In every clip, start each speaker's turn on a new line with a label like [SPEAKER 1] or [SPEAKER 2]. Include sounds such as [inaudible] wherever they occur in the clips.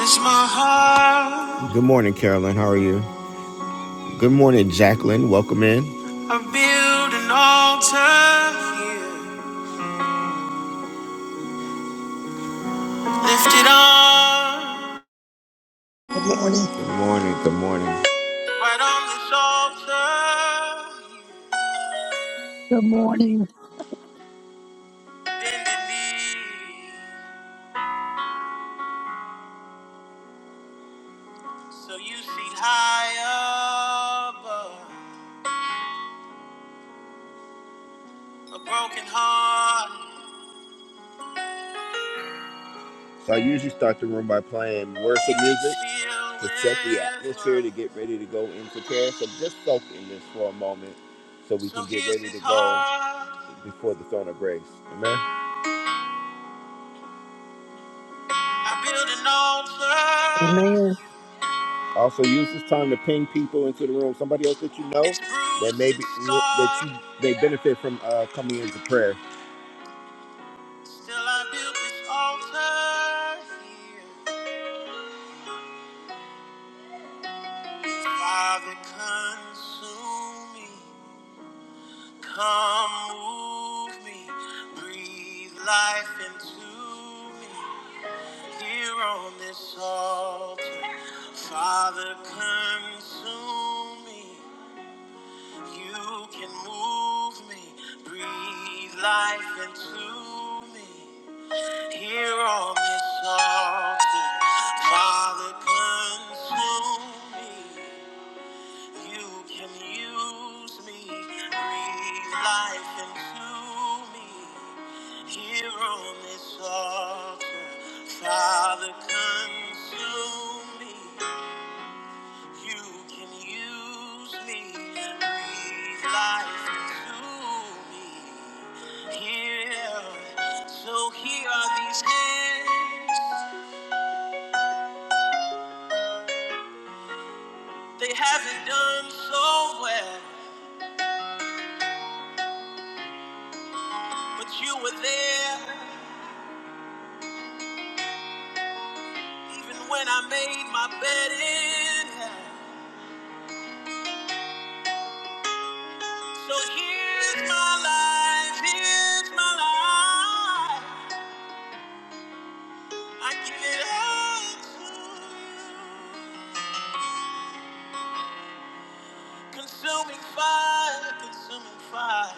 [SPEAKER 1] It's my heart. Good morning, Carolyn. How are you? Good morning, Jacqueline. Welcome in. I build an altar here. Lift it up.
[SPEAKER 2] Good morning.
[SPEAKER 1] Good morning. Good morning. Right on this altar, you
[SPEAKER 2] Good morning.
[SPEAKER 1] bend the knee, so you see high above a broken heart. So I usually start the room by playing worship music to set the atmosphere to get ready to go into prayer. So just soak in this for a moment so we can get ready to go before the throne of grace. Amen.
[SPEAKER 2] Amen.
[SPEAKER 1] Also, use this time to ping people into the room. Somebody else that you know that maybe that you may benefit from uh, coming into prayer. Still, I build this altar here. Father, consume me. Come move me, breathe life into me here on this altar. Father, consume me. You can move me, breathe life into me here on this altar. Father, consume me. You can use me, breathe life into me. Here on this altar, Father, consume me. You can use me, breathe life into me. Here, so here are these hands. They haven't done so well, but you were there. Even when I made my bed in hell. So here's my life, here's my life. I give it all to you. Consuming fire, consuming fire,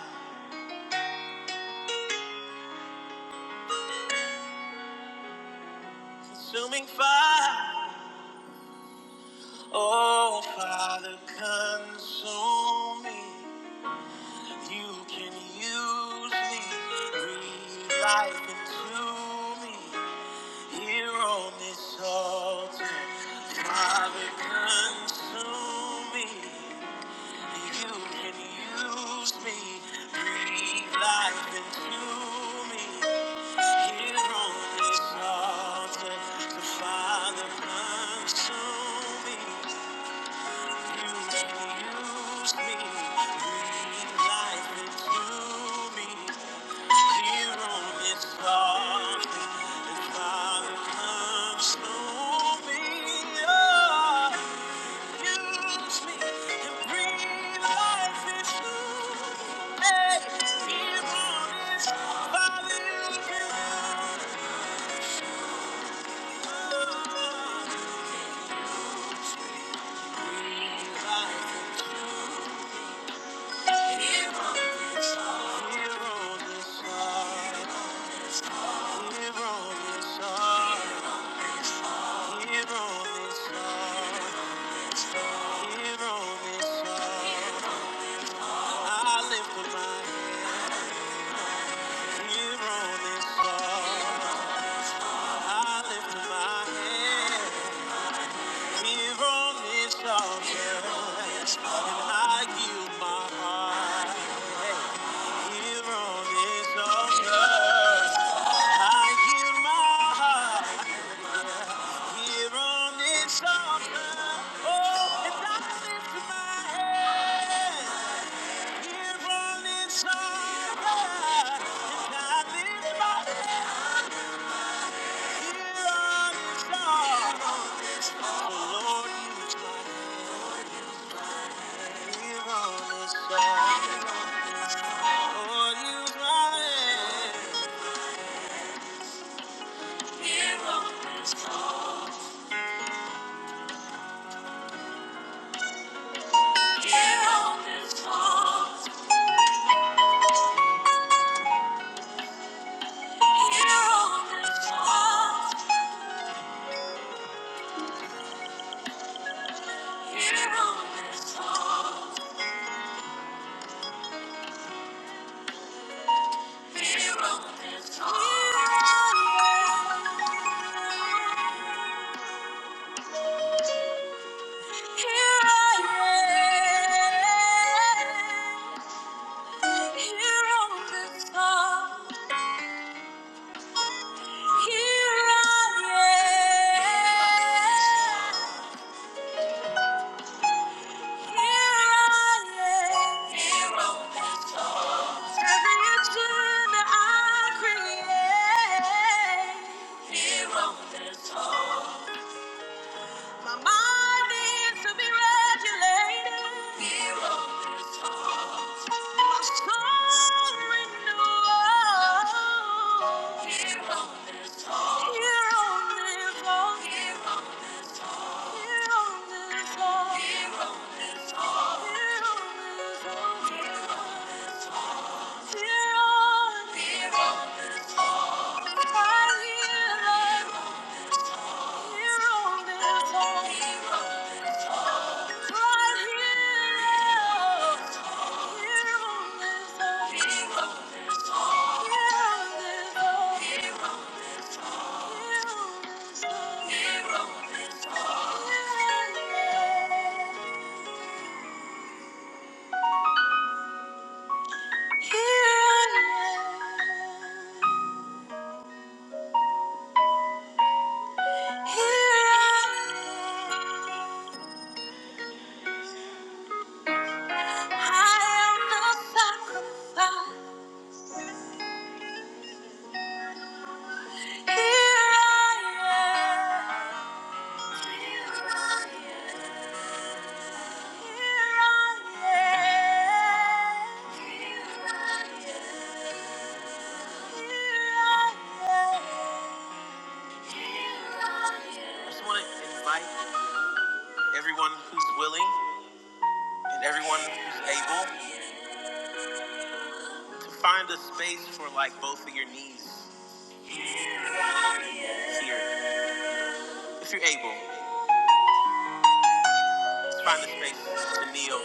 [SPEAKER 1] consuming fire. Oh, Father, consume me. You can use me, breathe life into me. Here on this altar, Father, consume me. You can use me, breathe life into me. Here on this altar, Father, consume me. You can use me, breathe life into me. Hero this song, hero this song. Here on this earth, I lift up my hands. Here on this altar, I give my heart. Here on this altar, I give my heart. Here on this altar, oh, and I lift my hands. Here I am. Here on this earth, here I am. Here I am. Here on this earth. Every inch that I create. Here on this earth. My mind needs to be regulated. Here on this earth, My soul renewed. Here on Hero. Here I am. Here I am. I am the sacrifice. Here I am. Here I am. Here I am. here I am. I just want to invite everyone who's willing. And everyone who's able, to find a space for like both of your knees here. If you're able, find a space to kneel.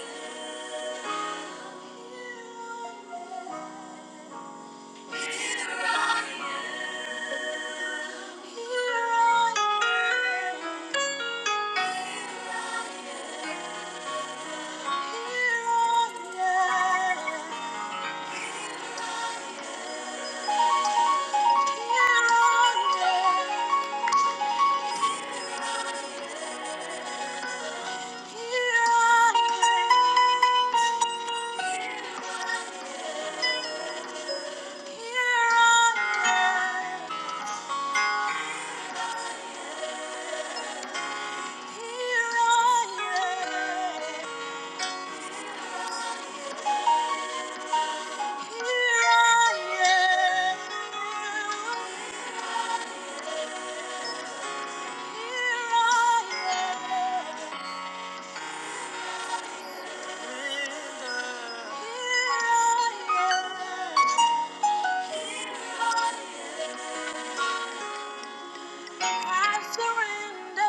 [SPEAKER 1] I surrender.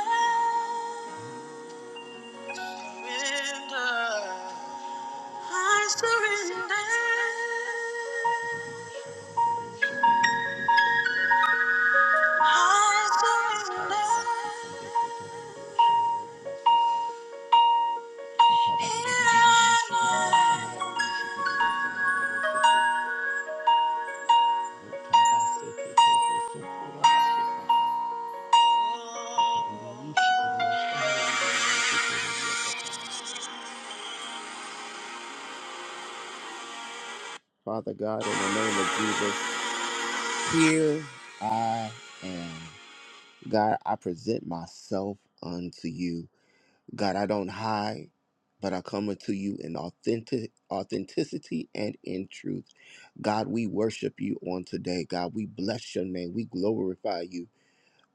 [SPEAKER 1] I surrender. Father God, in the name of Jesus, here I am. God, I present myself unto you. God, I don't hide, but I come unto you in authentic authenticity and in truth. God, we worship you on today. God, we bless your name. We glorify you.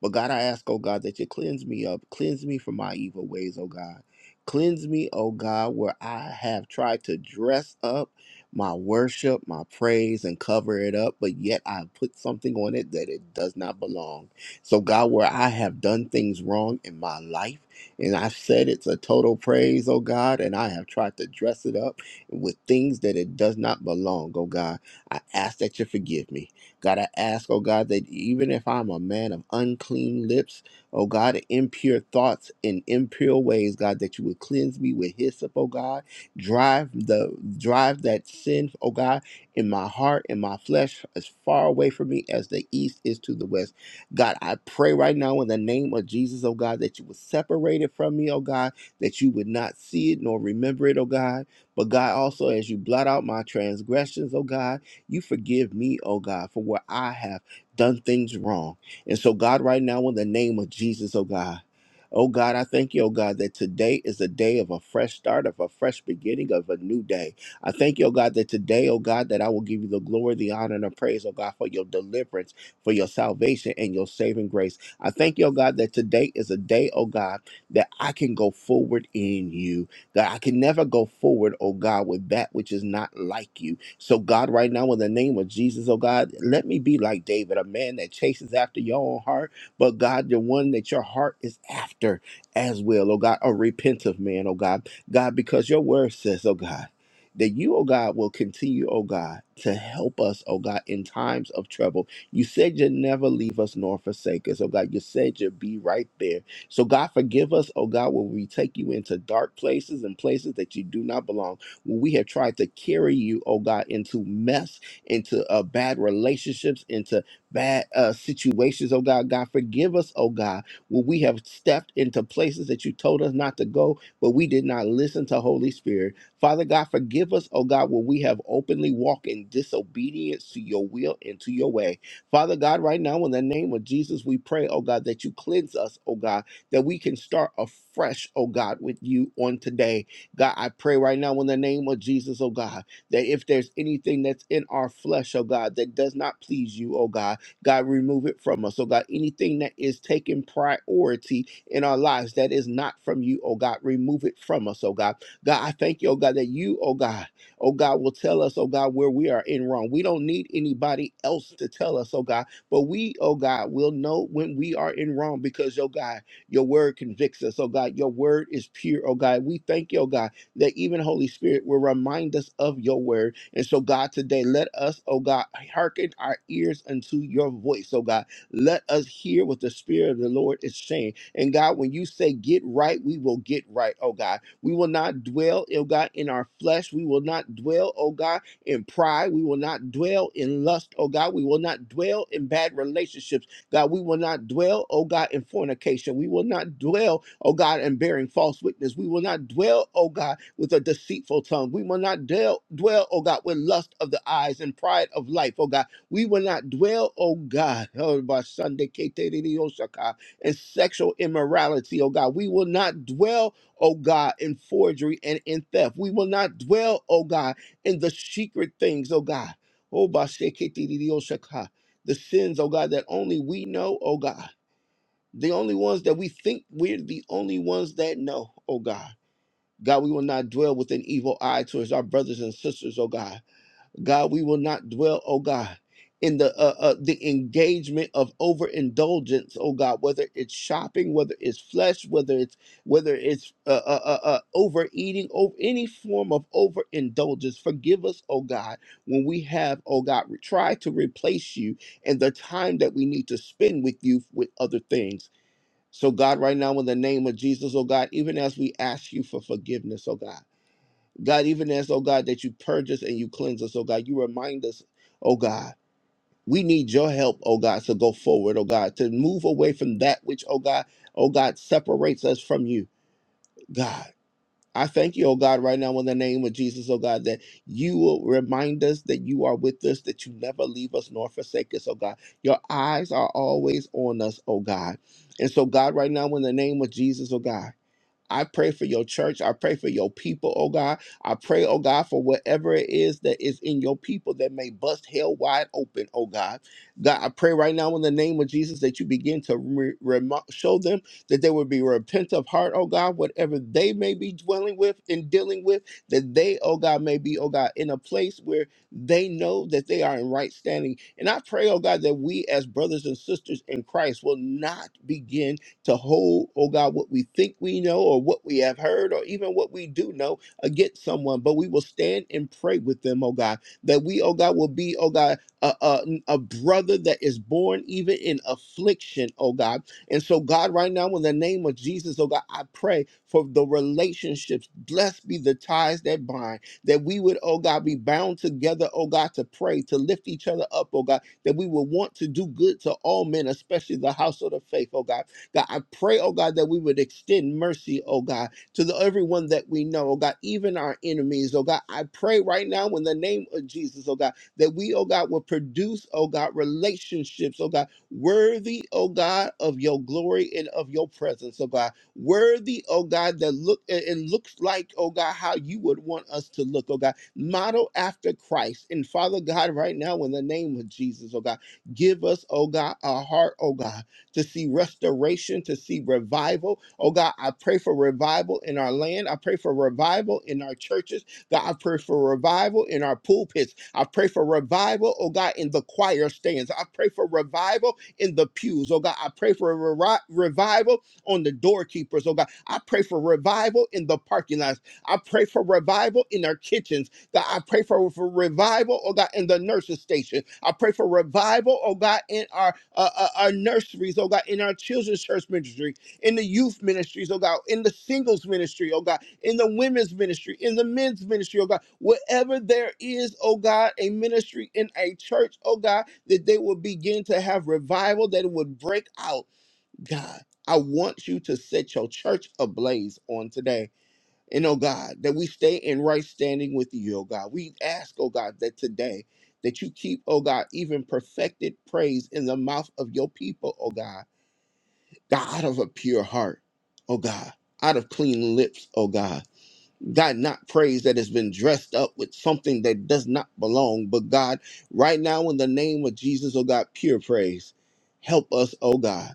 [SPEAKER 1] But God, I ask, oh God, that you cleanse me up. Cleanse me from my evil ways, oh God. Cleanse me, oh God, where I have tried to dress up my worship, my praise, and cover it up, but yet I put something on it that it does not belong. So, God, where I have done things wrong in my life, and I've said it's a total praise, oh God, and I have tried to dress it up with things that it does not belong, oh God, I ask that you forgive me. God, I ask, oh God, that even if I'm a man of unclean lips, oh God, impure thoughts and impure ways, God, that you would cleanse me with hyssop, oh God. Drive the drive that sin, oh God, in my heart, in my flesh, as far away from me as the east is to the west. God, I pray right now in the name of Jesus, oh God, that you would separate it from me, oh God, that you would not see it nor remember it, oh God. But God, also as you blot out my transgressions, oh God. You forgive me, oh God, for where I have done things wrong. And so, God, right now, in the name of Jesus, oh God, Oh God, I thank you, oh God, that today is a day of a fresh start, of a fresh beginning, of a new day. I thank you, oh God, that today, oh God, that I will give you the glory, the honor, and the praise, oh God, for your deliverance, for your salvation, and your saving grace. I thank you, oh God, that today is a day, oh God, that I can go forward in you, that I can never go forward, oh God, with that which is not like you. So, God, right now, in the name of Jesus, oh God, let me be like David, a man that chases after your own heart, but God, the one that your heart is after as well, oh God, a repentant man, oh God. God, because your word says, oh God, that you, oh God, will continue, oh God, to help us, oh God, in times of trouble. You said you'd never leave us nor forsake us, oh God. You said you'd be right there. So, God, forgive us, oh God, when we take you into dark places and places that you do not belong when we have tried to carry you, oh God, into mess, into uh, bad relationships, into bad uh, situations, oh God. God, forgive us, oh God, when we have stepped into places that you told us not to go, but we did not listen to Holy Spirit. Father God, forgive us, oh God, when we have openly walked in disobedience to your will and to your way. Father God, right now, in the name of Jesus, we pray, oh God, that you cleanse us, oh God, that we can start afresh, oh God, with you on today. God, I pray right now in the name of Jesus, oh God, that if there's anything that's in our flesh, oh God, that does not please you, oh God, God, remove it from us, oh God. Anything that is taking priority in our lives that is not from you, oh God, remove it from us, oh God. God, I thank you, oh God, that you, oh God, oh God, will tell us, oh God, where we are in wrong. We don't need anybody else to tell us, oh God, but we, oh God, will know when we are in wrong because, oh God, your word convicts us, oh God. Your word is pure, oh God. We thank you, oh God, that even Holy Spirit will remind us of your word. And so, God, today, let us, oh God, hearken our ears unto your voice, oh God. Let us hear what the Spirit of the Lord is saying. And God, when you say get right, we will get right, oh God. We will not dwell, oh God, in our flesh. We will not dwell, oh God, in pride. We will not dwell in lust, oh God. We will not dwell in bad relationships. God, we will not dwell, oh God, in fornication. We will not dwell, oh God, in bearing false witness. We will not dwell, oh God, with a deceitful tongue. We will not dwell, dwell, oh God, with lust of the eyes and pride of life, oh God. We will not dwell, oh God, [laughs] oh, by Sunday, Keterioshaka, in sexual immorality, oh God. We will not dwell, oh God, in forgery and in theft. We will not dwell, oh God, in the secret things, oh God. Oh, by Sheketi Diosaka the sins, oh God, that only we know, oh God. The only ones that we think we're the only ones that know, oh God. God, we will not dwell with an evil eye towards our brothers and sisters, oh God. God, we will not dwell, oh God, in the uh, uh, the engagement of overindulgence, oh God, whether it's shopping, whether it's flesh, whether it's whether it's uh, uh, uh, uh, overeating, or any form of overindulgence. Forgive us, oh God, when we have, oh God, re- try to replace you and the time that we need to spend with you with other things. So, God, right now, in the name of Jesus, oh God, even as we ask you for forgiveness, oh God. God, even as, oh God, that you purge us and you cleanse us, oh God, you remind us, oh God, we need your help, oh God, to go forward, oh God, to move away from that which, oh God, oh God, separates us from you, God. I thank you, oh God, right now in the name of Jesus, oh God, that you will remind us that you are with us, that you never leave us nor forsake us, oh God. Your eyes are always on us, oh God. And so, God, right now in the name of Jesus, oh God. I pray for your church. I pray for your people, oh God. I pray, oh God, for whatever it is that is in your people that may bust hell wide open, oh God. God, I pray right now in the name of Jesus that you begin to re- remo- show them that they would be repent of heart, oh God, whatever they may be dwelling with and dealing with, that they, oh God, may be, oh God, in a place where they know that they are in right standing. And I pray, oh God, that we as brothers and sisters in Christ will not begin to hold, oh God, what we think we know or what we have heard or even what we do know against someone. But we will stand and pray with them, oh God, that we, oh God, will be, oh God, a, a, a brother that is born even in affliction, oh God. And so, God, right now, in the name of Jesus, oh God, I pray for the relationships. Blessed be the ties that bind, that we would, oh God, be bound together, oh God, to pray, to lift each other up, oh God, that we would want to do good to all men, especially the household of faith, oh God. God, I pray, oh God, that we would extend mercy, oh God, to the everyone that we know, oh God, even our enemies, oh God. I pray right now in the name of Jesus, oh God, that we, oh God, will produce, oh God, relationships, oh God, worthy, oh God, of your glory and of your presence, oh God. Worthy, oh God, that look and looks like, oh God, how you would want us to look, oh God. Model after Christ. And Father God, right now, in the name of Jesus, oh God, give us, oh God, a heart, oh God to see restoration, to see revival. Oh God, I pray for revival in our land. I pray for revival in our churches. God, I pray for revival in our pulpits. I pray for revival, oh God, in the choir stands. I pray for revival in the pews. Oh God, I pray for a revi- revival on the doorkeepers. Oh God, I pray for revival in the parking lots. I pray for revival in our kitchens. God, I pray for, for revival, oh God, in the nursing station. I pray for revival, oh God, in our uh, uh, our nurseries, oh God, in our children's church ministry, in the youth ministries, oh God, in the singles ministry, oh God, in the women's ministry, in the men's ministry, oh God. Wherever there is, oh God, a ministry in a church, oh God, that they will begin to have revival, that it would break out. God, I want you to set your church ablaze on today. And oh God, that we stay in right standing with you, oh God. We ask, oh God, that today that you keep, oh God, even perfected praise in the mouth of your people, oh God. God out of a pure heart, oh God, out of clean lips, oh God. God, not praise that has been dressed up with something that does not belong, but God, right now in the name of Jesus, oh God, pure praise. Help us, oh God.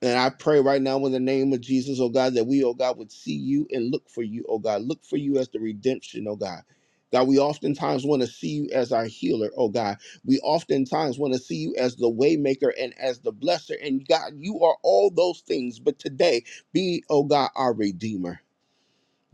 [SPEAKER 1] And I pray right now in the name of Jesus, oh God, that we, oh God, would see you and look for you, oh God. Look for you as the redemption, oh God. God, we oftentimes want to see you as our healer, oh God. We oftentimes want to see you as the waymaker and as the blesser. And God, you are all those things. But today, be, oh God, our redeemer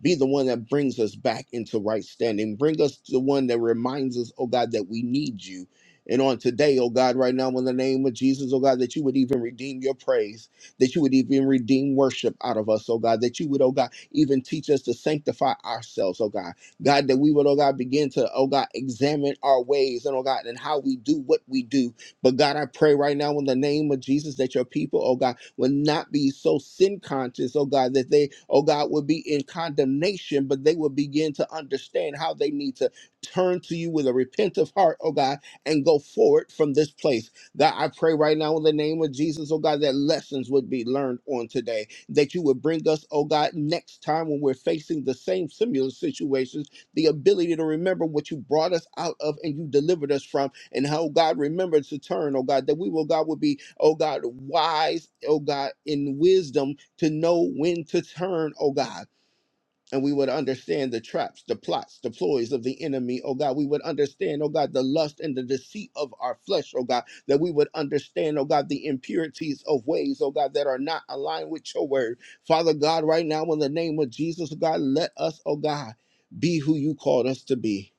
[SPEAKER 1] be the one that brings us back into right standing. Bring us the one that reminds us, oh God, that we need you. And on today, oh God, right now, in the name of Jesus, oh God, that you would even redeem your praise, that you would even redeem worship out of us, oh God, that you would, oh God, even teach us to sanctify ourselves, oh God. God, that we would, oh God, begin to, oh God, examine our ways and, oh God, and how we do what we do but God, I pray right now in the name of Jesus that your people, oh God, will not be so sin conscious, oh God, that they, oh God, will be in condemnation, but they will begin to understand how they need to turn to you with a repentant heart, oh God, and go forward from this place. God, I pray right now in the name of Jesus, oh God, that lessons would be learned on today, that you would bring us, oh God, next time when we're facing the same similar situations the ability to remember what you brought us out of and you delivered us from, and how God remembered to turn, oh God, that we will, God, would be, oh God, wise, oh God, in wisdom to know when to turn, oh God and we would understand the traps, the plots, the ploys of the enemy, oh God. We would understand, oh God, the lust and the deceit of our flesh, oh God, that we would understand, oh God, the impurities of ways, oh God, that are not aligned with your word. Father God, right now, in the name of Jesus, oh God, let us, oh God, be who you called us to be.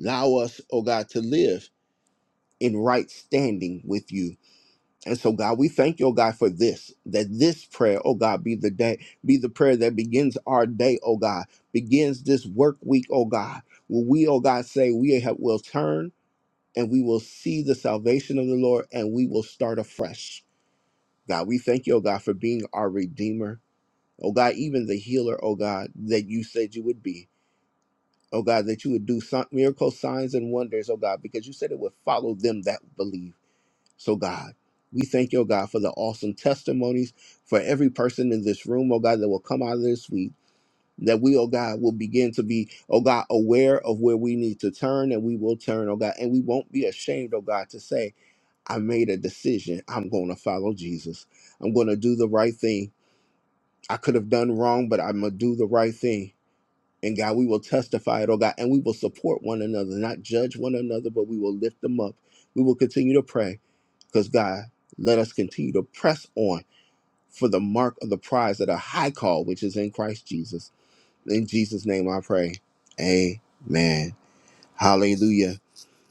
[SPEAKER 1] Allow us, oh God, to live in right standing with you. And so, God, we thank you, oh God, for this, that this prayer, oh God, be the day, be the prayer that begins our day, oh God, begins this work week, oh God, where we, oh God, say we have, will turn and we will see the salvation of the Lord and we will start afresh. God, we thank you, oh God, for being our Redeemer, oh God, even the healer, oh God, that you said you would be. Oh God, that you would do some, miracles, signs, and wonders, oh God, because you said it would follow them that believe. So, God, we thank you, oh God, for the awesome testimonies for every person in this room, oh God, that will come out of this week. That we, oh God, will begin to be, oh God, aware of where we need to turn and we will turn, oh God. And we won't be ashamed, oh God, to say, I made a decision. I'm going to follow Jesus. I'm going to do the right thing. I could have done wrong, but I'm going to do the right thing. And God, we will testify it, oh God, and we will support one another, not judge one another, but we will lift them up. We will continue to pray. Because God, let us continue to press on for the mark of the prize of the high call, which is in Christ Jesus. In Jesus' name I pray. Amen. Hallelujah.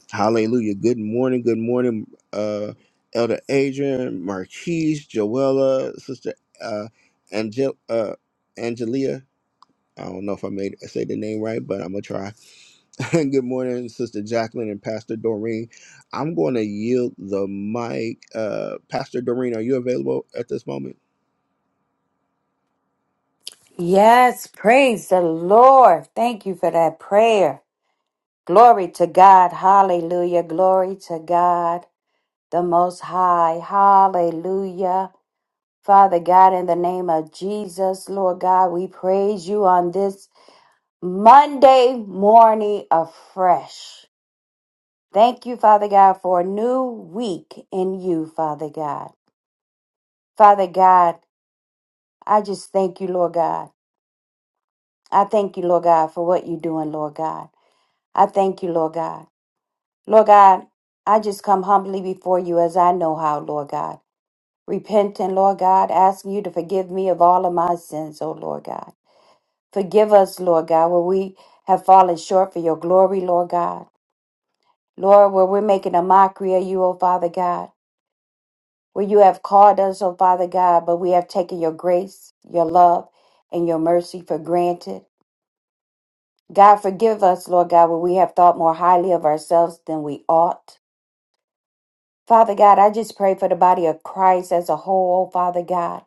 [SPEAKER 1] Hallelujah. Good morning. Good morning, uh, Elder Adrian, Marquise, Joella, Sister uh, Angel- uh, Angelia. I don't know if I made I say the name right, but I'm gonna try. [laughs] Good morning, Sister Jacqueline and Pastor Doreen. I'm going to yield the mic. Uh, Pastor Doreen, are you available at this moment?
[SPEAKER 3] Yes, praise the Lord. Thank you for that prayer. Glory to God. Hallelujah. Glory to God, the Most High. Hallelujah. Father God, in the name of Jesus, Lord God, we praise you on this Monday morning afresh. Thank you, Father God, for a new week in you, Father God. Father God, I just thank you, Lord God. I thank you, Lord God, for what you're doing, Lord God. I thank you, Lord God. Lord God, I just come humbly before you as I know how, Lord God. Repenting, Lord God, asking you to forgive me of all of my sins, O Lord God. Forgive us, Lord God, where we have fallen short for your glory, Lord God. Lord, where we're making a mockery of you, O Father God. Where you have called us, O Father God, but we have taken your grace, your love, and your mercy for granted. God, forgive us, Lord God, where we have thought more highly of ourselves than we ought. Father God, I just pray for the body of Christ as a whole, oh Father God.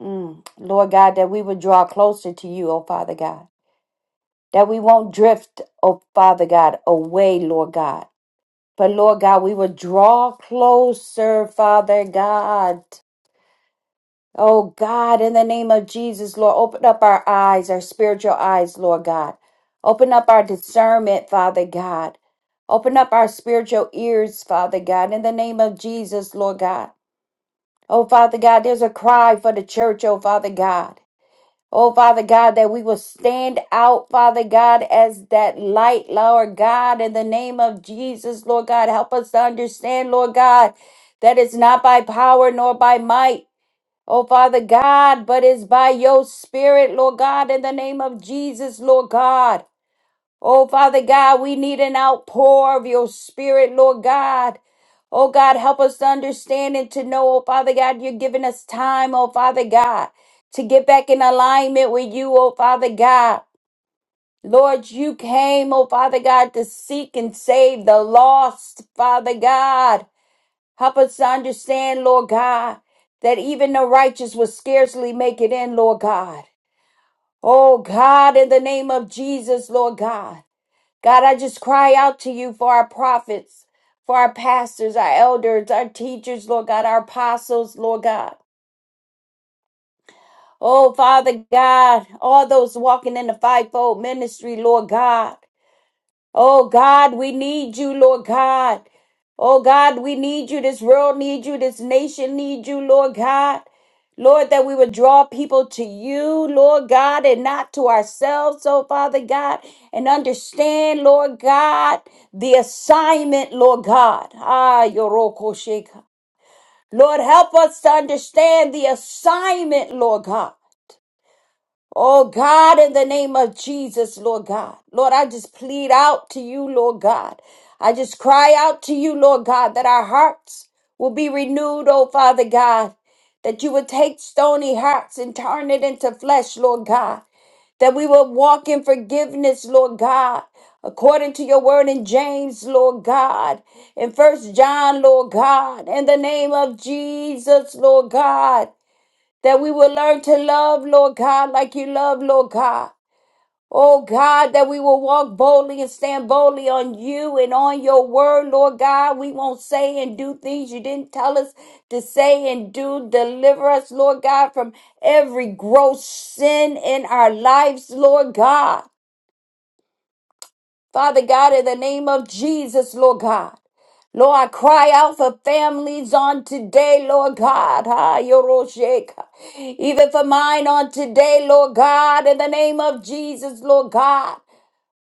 [SPEAKER 3] Mm. Lord God, that we would draw closer to you, oh Father God. That we won't drift, oh Father God, away, Lord God. But Lord God, we would draw closer, Father God. Oh God, in the name of Jesus, Lord, open up our eyes, our spiritual eyes, Lord God. Open up our discernment, Father God. Open up our spiritual ears, Father God, in the name of Jesus, Lord God. Oh, Father God, there's a cry for the church, oh, Father God. Oh, Father God, that we will stand out, Father God, as that light, Lord God, in the name of Jesus, Lord God. Help us to understand, Lord God, that it's not by power nor by might, oh, Father God, but it's by your spirit, Lord God, in the name of Jesus, Lord God. Oh, Father God, we need an outpour of your spirit, Lord God. Oh, God, help us to understand and to know, oh, Father God, you're giving us time, oh, Father God, to get back in alignment with you, oh, Father God. Lord, you came, oh, Father God, to seek and save the lost, Father God. Help us to understand, Lord God, that even the righteous will scarcely make it in, Lord God. Oh, God, in the name of Jesus, Lord God. God, I just cry out to you for our prophets, for our pastors, our elders, our teachers, Lord God, our apostles, Lord God. Oh, Father God, all those walking in the fivefold ministry, Lord God. Oh God, we need you, Lord God. Oh God, we need you. This world needs you. This nation needs you, Lord God. Lord, that we would draw people to you, Lord God, and not to ourselves, oh Father God, and understand, Lord God, the assignment, Lord God. Ah, Yoroko Sheka. Lord, help us to understand the assignment, Lord God. Oh God, in the name of Jesus, Lord God. Lord, I just plead out to you, Lord God. I just cry out to you, Lord God, that our hearts will be renewed, oh Father God. That you would take stony hearts and turn it into flesh, Lord God. That we will walk in forgiveness, Lord God. According to your word in James, Lord God, in First John, Lord God, in the name of Jesus, Lord God that we will learn to love, Lord God, like you love, Lord God. Oh God, that we will walk boldly and stand boldly on you and on your word, Lord God. We won't say and do things you didn't tell us to say and do. Deliver us, Lord God, from every gross sin in our lives, Lord God. Father God, in the name of Jesus, Lord God. Lord, I cry out for families on today, Lord God. Ah, Yorosheka. Even for mine on today, Lord God, in the name of Jesus, Lord God.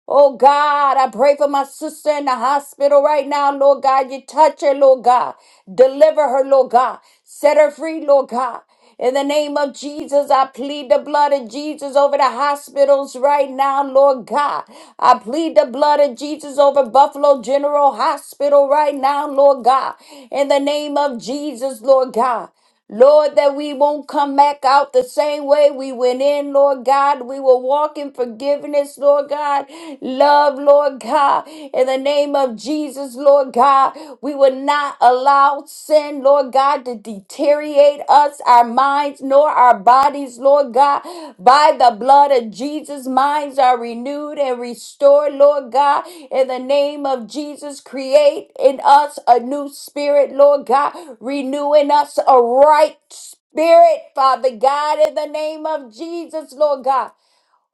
[SPEAKER 3] Oh God, I pray for my sister in the hospital right now, Lord God. You touch her, Lord God. Deliver her, Lord God. Set her free, Lord God. In the name of Jesus, I plead the blood of Jesus over the hospitals right now, Lord God. I plead the blood of Jesus over Buffalo General Hospital right now, Lord God. In the name of Jesus, Lord God. Lord, that we won't come back out the same way we went in, Lord God. We will walk in forgiveness, Lord God. Love, Lord God. In the name of Jesus, Lord God, we will not allow sin, Lord God, to deteriorate us, our minds, nor our bodies bodies, Lord God, by the blood of Jesus. Minds are renewed and restored, Lord God. In the name of Jesus, create in us a new spirit, Lord God. Renew in us a right spirit, Father God, in the name of Jesus, Lord God.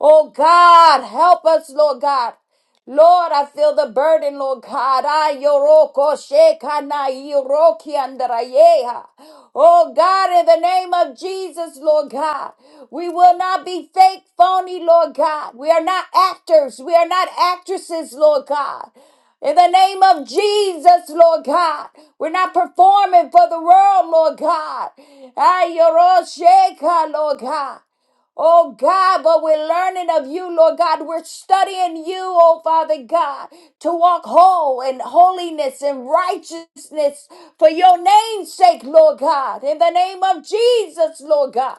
[SPEAKER 3] Oh God, help us, Lord God. Lord, I feel the burden, Lord God. I yoroko shekana yoroki andarayeha. Oh God, in the name of Jesus, Lord God, we will not be fake, phony, Lord God. We are not actors. We are not actresses, Lord God. In the name of Jesus, Lord God, we're not performing for the world, Lord God. Ay, Yorosheka, Lord God. Oh God, but we're learning of you, Lord God. We're studying you, oh Father God, to walk whole in holiness and righteousness for your name's sake, Lord God. In the name of Jesus, Lord God.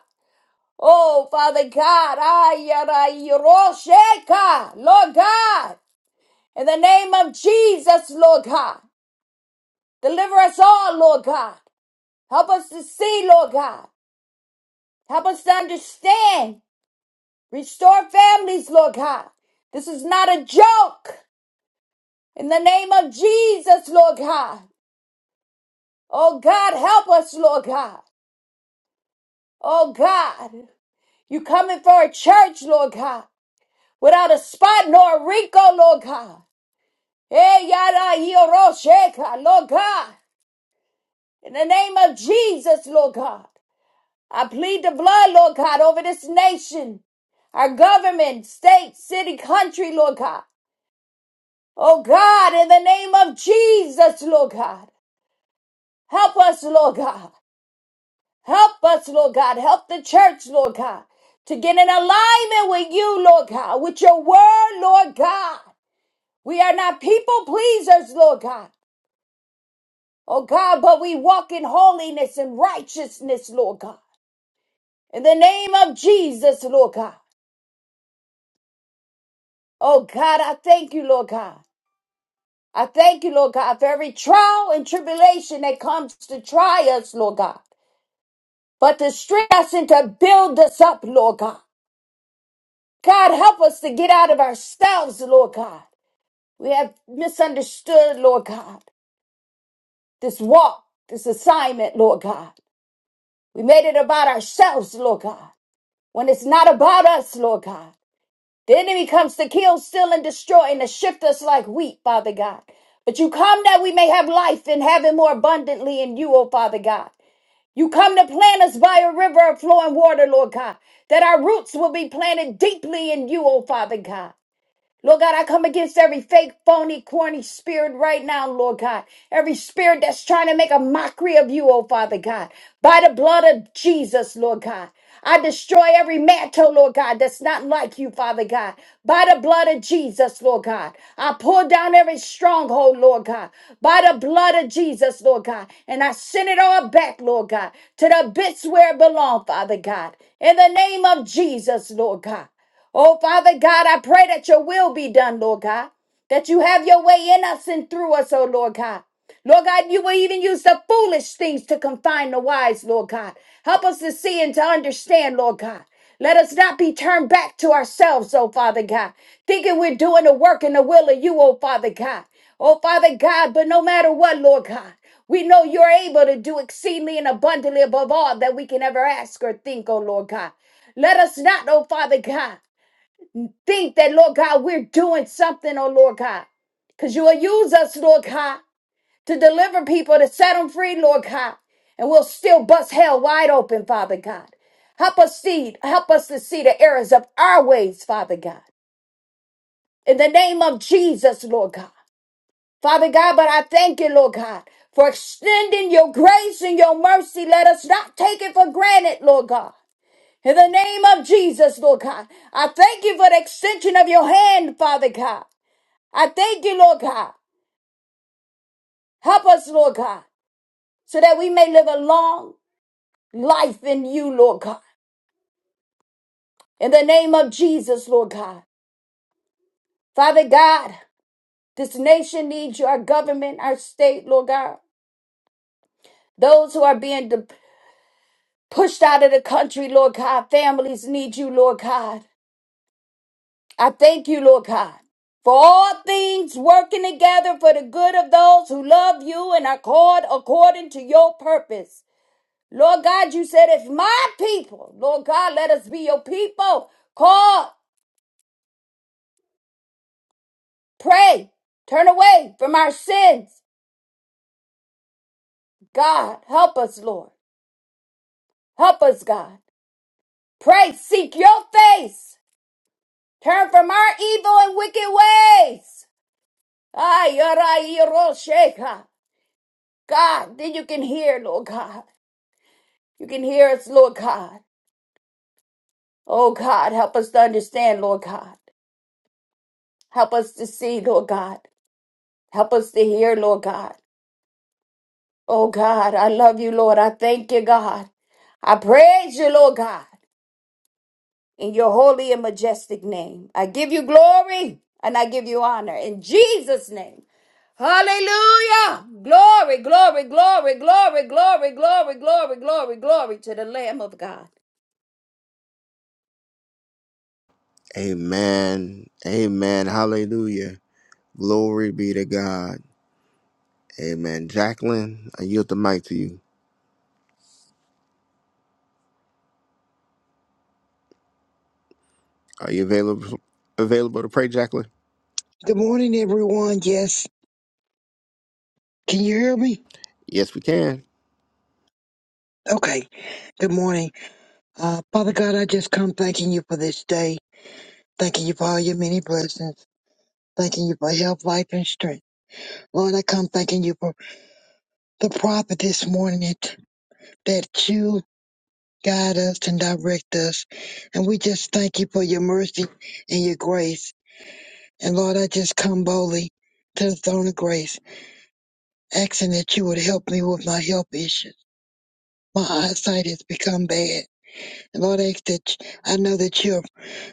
[SPEAKER 3] Oh Father God, ayarayirosheka, Lord God. In the name of Jesus, Lord God. Deliver us all, Lord God. Help us to see, Lord God. Help us to understand Restore families, Lord God. This is not a joke. In the name of Jesus, Lord God. Oh God, help us, Lord God. Oh God, you coming for a church, Lord God, without a spot nor a wrinkle, Lord God. Eh, yada, yoro, sheka, Lord God. In the name of Jesus, Lord God. I plead the blood, Lord God, over this nation, our government, state, city, country, Lord God. Oh God, in the name of Jesus, Lord God, help us, Lord God. Help us, Lord God. Help the church, Lord God, to get in alignment with you, Lord God, with your word, Lord God. We are not people pleasers, Lord God. Oh God, but we walk in holiness and righteousness, Lord God. In the name of Jesus, Lord God. Oh God, I thank you, Lord God. I thank you, Lord God, for every trial and tribulation that comes to try us, Lord God. but to strengthen us and to build us up, Lord God. God, help us to get out of ourselves, Lord God. We have misunderstood, Lord God, this walk, this assignment, Lord God. We made it about ourselves, Lord God, when it's not about us, Lord God. The enemy comes to kill, steal, and destroy and to shift us like wheat, Father God. But you come that we may have life and have it more abundantly in you, O Father God. You come to plant us by a river of flowing water, Lord God, that our roots will be planted deeply in you, O Father God. Lord God, I come against every fake, phony, corny spirit right now, Lord God. Every spirit that's trying to make a mockery of you, oh Father God. By the blood of Jesus, Lord God. I destroy every mantle, Lord God, that's not like you, Father God. By the blood of Jesus, Lord God. I pull down every stronghold, Lord God. By the blood of Jesus, Lord God. And I send it all back, Lord God, to the bits where it belongs, Father God. In the name of Jesus, Lord God. Oh, Father God, I pray that your will be done, Lord God. That you have your way in us and through us, oh Lord God. Lord God, you will even use the foolish things to confine the wise, Lord God. Help us to see and to understand, Lord God. Let us not be turned back to ourselves, oh Father God, thinking we're doing the work and the will of you, oh Father God. Oh Father God, but no matter what, Lord God, we know you're able to do exceedingly and abundantly above all that we can ever ask or think, oh Lord God. Let us not, oh Father God think that, Lord God, we're doing something, oh Lord God. Because you will use us, Lord God, to deliver people, to set them free, Lord God. And we'll still bust hell wide open, Father God. Help us see, help us to see the errors of our ways, Father God. In the name of Jesus, Lord God. Father God, but I thank you, Lord God, for extending your grace and your mercy. Let us not take it for granted, Lord God. In the name of Jesus, Lord God, I thank you for the extension of your hand, Father God. I thank you, Lord God. Help us, Lord God, so that we may live a long life in you, Lord God. In the name of Jesus, Lord God. Father God, this nation needs you, our government, our state, Lord God. Those who are being de- pushed out of the country, Lord God, families need you, Lord God. I thank you, Lord God. For all things working together for the good of those who love you and are called according to your purpose. Lord God, you said, if my people, Lord God, let us be your people, call, pray, turn away from our sins. God, help us, Lord. Help us, God. Pray, seek your face. Turn from our evil and wicked ways. Ay, aray, yoro, sheka. God, then you can hear, Lord God. You can hear us, Lord God. Oh, God, help us to understand, Lord God. Help us to see, Lord God. Help us to hear, Lord God. Oh God, I love you, Lord. I thank you, God. I praise you, Lord God, in your holy and majestic name. I give you glory and I give you honor in Jesus' name. Hallelujah. Glory, glory, glory, glory, glory, glory, glory, glory, glory to the Lamb of God.
[SPEAKER 1] Amen. Amen. Hallelujah. Glory be to God. Amen. Jacqueline, I yield the mic to you. Are you available available to pray, Jacqueline?
[SPEAKER 2] Good morning, everyone. Yes. Can you hear me?
[SPEAKER 1] Yes, we can.
[SPEAKER 2] Okay. Good morning. Uh, Father God, I just come thanking you for this day. Thanking you for all your many blessings. Thanking you for health, life, and strength. Lord, I come thanking you for the prophet this morning that that you guide us and direct us. And we just thank you for your mercy and your grace. And Lord, I just come boldly to the throne of grace, asking that you would help me with my health issues. My eyesight has become bad. And Lord, I ask that I know that you have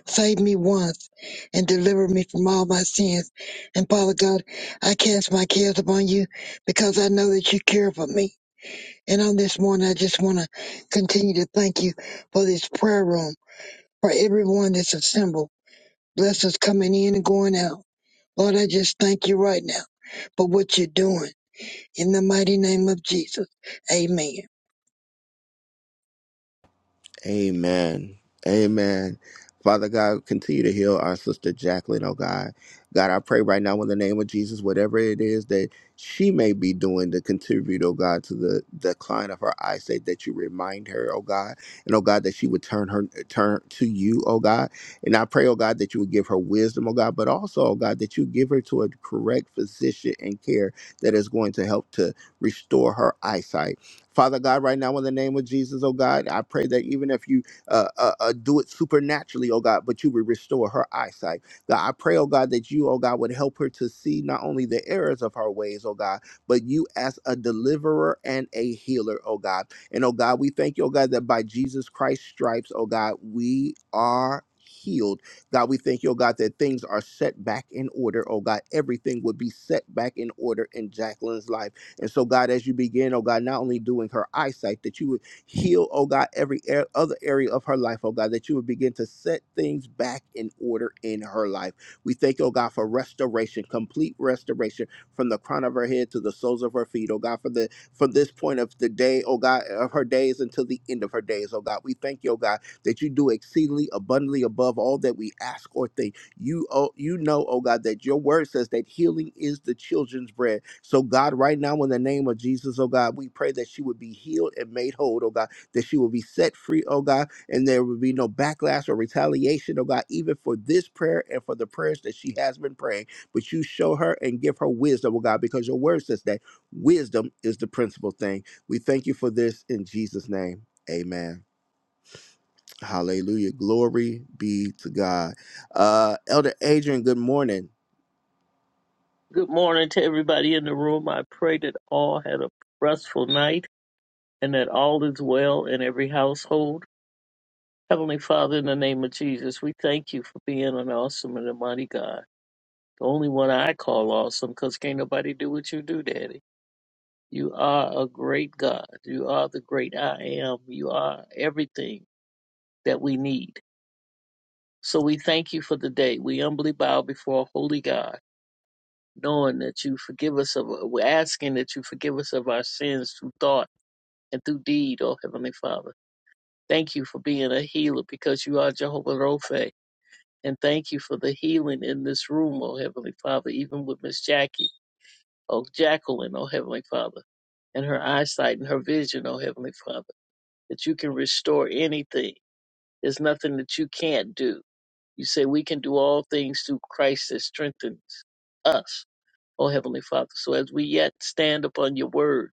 [SPEAKER 2] saved me once and delivered me from all my sins. And Father God, I cast my cares upon you because I know that you care for me. And on this morning, I just want to continue to thank you for this prayer room, for everyone that's assembled. Bless us coming in and going out. Lord, I just thank you right now for what you're doing. In the mighty name of Jesus, amen.
[SPEAKER 1] Amen. Amen. Father God, continue to heal our sister Jacqueline, oh God. God, I pray right now in the name of Jesus, whatever it is that she may be doing to contribute, oh God, to the decline of her eyesight, that you remind her, oh God, and oh God, that she would turn her turn to you, oh God. And I pray, oh God, that you would give her wisdom, oh God, but also, oh God, that you give her to a correct physician and care that is going to help to restore her eyesight. Father God, right now in the name of Jesus, oh God, I pray that even if you uh, uh, uh, do it supernaturally, oh God, but you would restore her eyesight. God, I pray, oh God, that you, oh God, would help her to see not only the errors of her ways, oh God, but you as a deliverer and a healer, oh God. And oh God, we thank you, oh God, that by Jesus Christ's stripes, oh God, we are healed. God, we thank you, oh God, that things are set back in order, oh God. Everything would be set back in order in Jacqueline's life. And so, God, as you begin, oh God, not only doing her eyesight, that you would heal, oh God, every a- other area of her life, oh God, that you would begin to set things back in order in her life. We thank you, oh God, for restoration, complete restoration from the crown of her head to the soles of her feet, oh God, for the from this point of the day, oh God, of her days until the end of her days, oh God. We thank you, oh God, that you do exceedingly abundantly above all that we ask or think. You oh you know, oh God, that your word says that healing is the children's bread. So, God, right now, in the name of Jesus, oh God, we pray that she would be healed and made whole, oh God, that she will be set free, oh God, and there will be no backlash or retaliation, oh God, even for this prayer and for the prayers that she has been praying. But you show her and give her wisdom, oh God, because your word says that wisdom is the principal thing. We thank you for this in Jesus' name. Amen. Hallelujah. Glory be to God. Uh, Elder Adrian, good morning.
[SPEAKER 4] Good morning to everybody in the room. I pray that all had a restful night and that all is well in every household. Heavenly Father, in the name of Jesus, we thank you for being an awesome and a mighty God. The only one I call awesome because can't nobody do what you do, Daddy. You are a great God. You are the great I am. You are everything that we need. So we thank you for the day. We humbly bow before a holy God, knowing that you forgive us of, we're asking that you forgive us of our sins through thought and through deed, O Heavenly Father. Thank you for being a healer because you are Jehovah Rophe. And thank you for the healing in this room, O Heavenly Father, even with Miss Jackie, O Jacqueline, O Heavenly Father, and her eyesight and her vision, O Heavenly Father, that you can restore anything. There's nothing that you can't do. You say we can do all things through Christ that strengthens us, O Heavenly Father. So as we yet stand upon your word,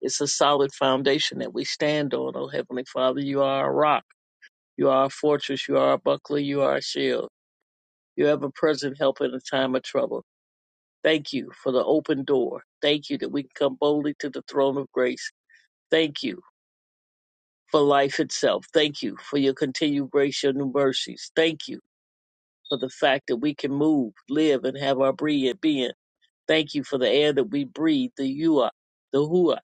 [SPEAKER 4] it's a solid foundation that we stand on, O Heavenly Father. You are a rock. You are a fortress. You are a buckler. You are a shield. You have a present help in a time of trouble. Thank you for the open door. Thank you that we can come boldly to the throne of grace. Thank you for life itself. Thank you for your continued grace, your new mercies. Thank you for the fact that we can move, live, and have our being. Thank you for the air that we breathe, the you are, the who are.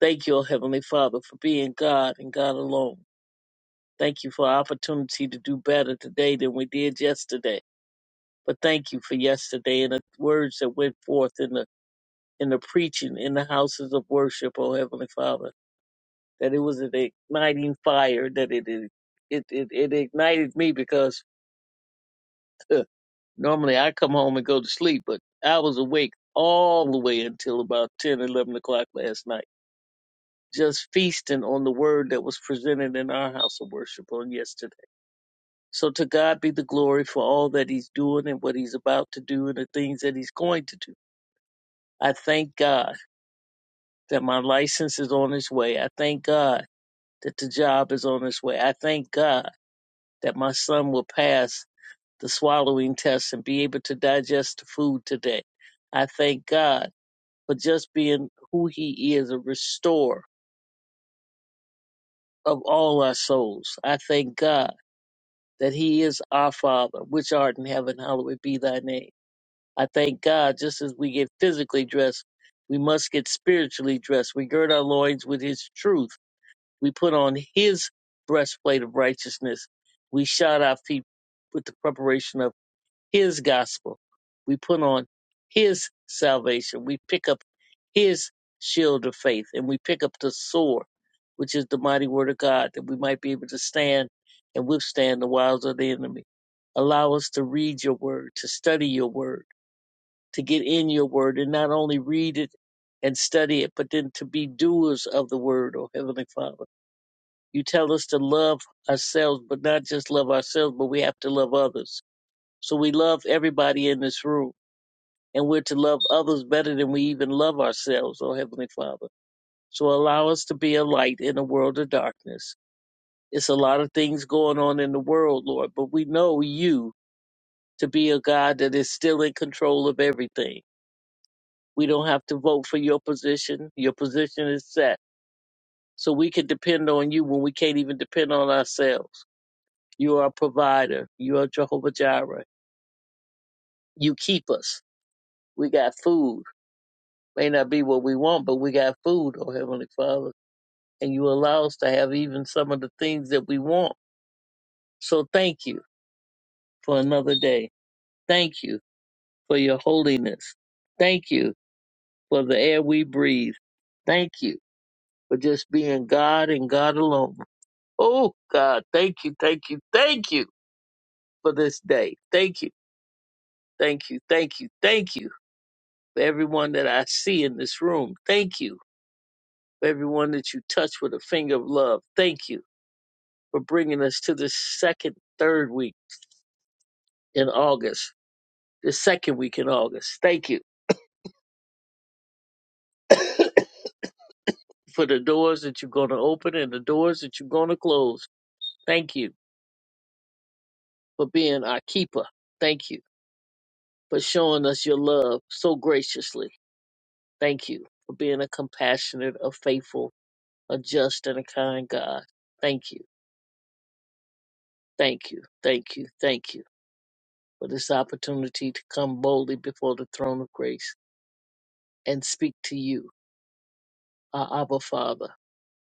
[SPEAKER 4] Thank you, O Heavenly Father, for being God and God alone. Thank you for our opportunity to do better today than we did yesterday. But thank you for yesterday and the words that went forth in the in the preaching in the houses of worship, oh Heavenly Father, that it was an igniting fire, that it it it, it, it ignited me because huh, normally I come home and go to sleep, but I was awake all the way until about 10 11 o'clock last night, just feasting on the word that was presented in our house of worship on yesterday. So to God be the glory for all that He's doing and what He's about to do and the things that He's going to do. I thank God that my license is on its way. I thank God that the job is on its way. I thank God that my son will pass the swallowing test and be able to digest the food today. I thank God for just being who he is, a restorer of all our souls. I thank God that he is our Father, which art in heaven, hallowed be thy name. I thank God just as we get physically dressed, we must get spiritually dressed. We gird our loins with his truth We put on his breastplate of righteousness. We shod our feet with the preparation of his gospel. We put on his salvation. We pick up his shield of faith and we pick up the sword, which is the mighty word of God, that we might be able to stand and withstand the wiles of the enemy. Allow us to read your word, to study your word, to get in your word and not only read it and study it, but then to be doers of the word, O Heavenly Father. You tell us to love ourselves, but not just love ourselves, but we have to love others. So we love everybody in this room, and we're to love others better than we even love ourselves, oh Heavenly Father. So allow us to be a light in a world of darkness. It's a lot of things going on in the world, Lord, but we know you to be a God that is still in control of everything. We don't have to vote for your position. Your position is set. So we can depend on you when we can't even depend on ourselves. You are a provider. You are Jehovah Jireh. You keep us. We got food. May not be what we want, but we got food, oh Heavenly Father. And you allow us to have even some of the things that we want. So thank you for another day. Thank you for your holiness. Thank you for the air we breathe. Thank you for just being God and God alone. Oh God, thank you, thank you, thank you for this day. Thank you, thank you, thank you, thank you for everyone that I see in this room. Thank you for everyone that you touch with a finger of love. Thank you for bringing us to the second, third week in August, the second week in August. Thank you [coughs] for the doors that you're going to open and the doors that you're going to close. Thank you for being our keeper. Thank you for showing us your love so graciously. Thank you for being a compassionate, a faithful, a just, and a kind God. Thank you. Thank you. Thank you. Thank you for this opportunity to come boldly before the throne of grace and speak to you, our Abba Father,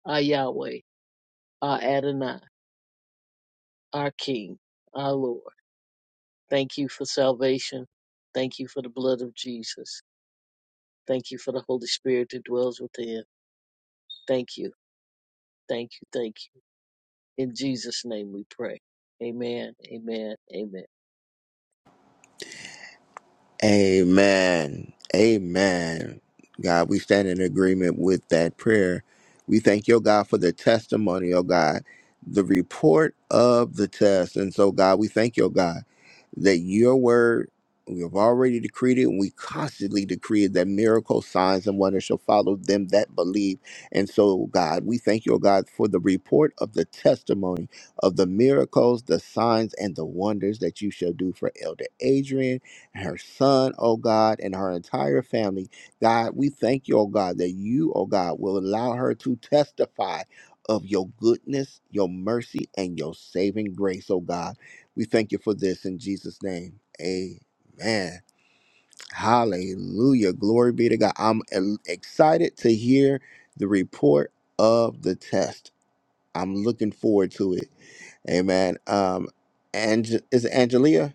[SPEAKER 4] our Yahweh, our Adonai, our King, our Lord. Thank you for salvation. Thank you for the blood of Jesus. Thank you for the Holy Spirit that dwells within. Thank you. Thank you. Thank you. In Jesus' name we pray. Amen. Amen. Amen.
[SPEAKER 1] Amen. Amen. God, we stand in agreement with that prayer. We thank your God for the testimony, oh God, the report of the test. And so, God, we thank your God that your word, we have already decreed it, and we constantly decree it that miracles, signs, and wonders shall follow them that believe. And so, God, we thank you, oh God, for the report of the testimony of the miracles, the signs, and the wonders that you shall do for Elder Adrian her son, oh God, and her entire family. God, we thank you, oh God, that you, oh God, will allow her to testify of your goodness, your mercy, and your saving grace, oh God. We thank you for this in Jesus' name. Amen. Hallelujah. Glory be to God. I'm e- excited to hear the report of the test. I'm looking forward to it. Amen. Um, Ange- is it Angelia?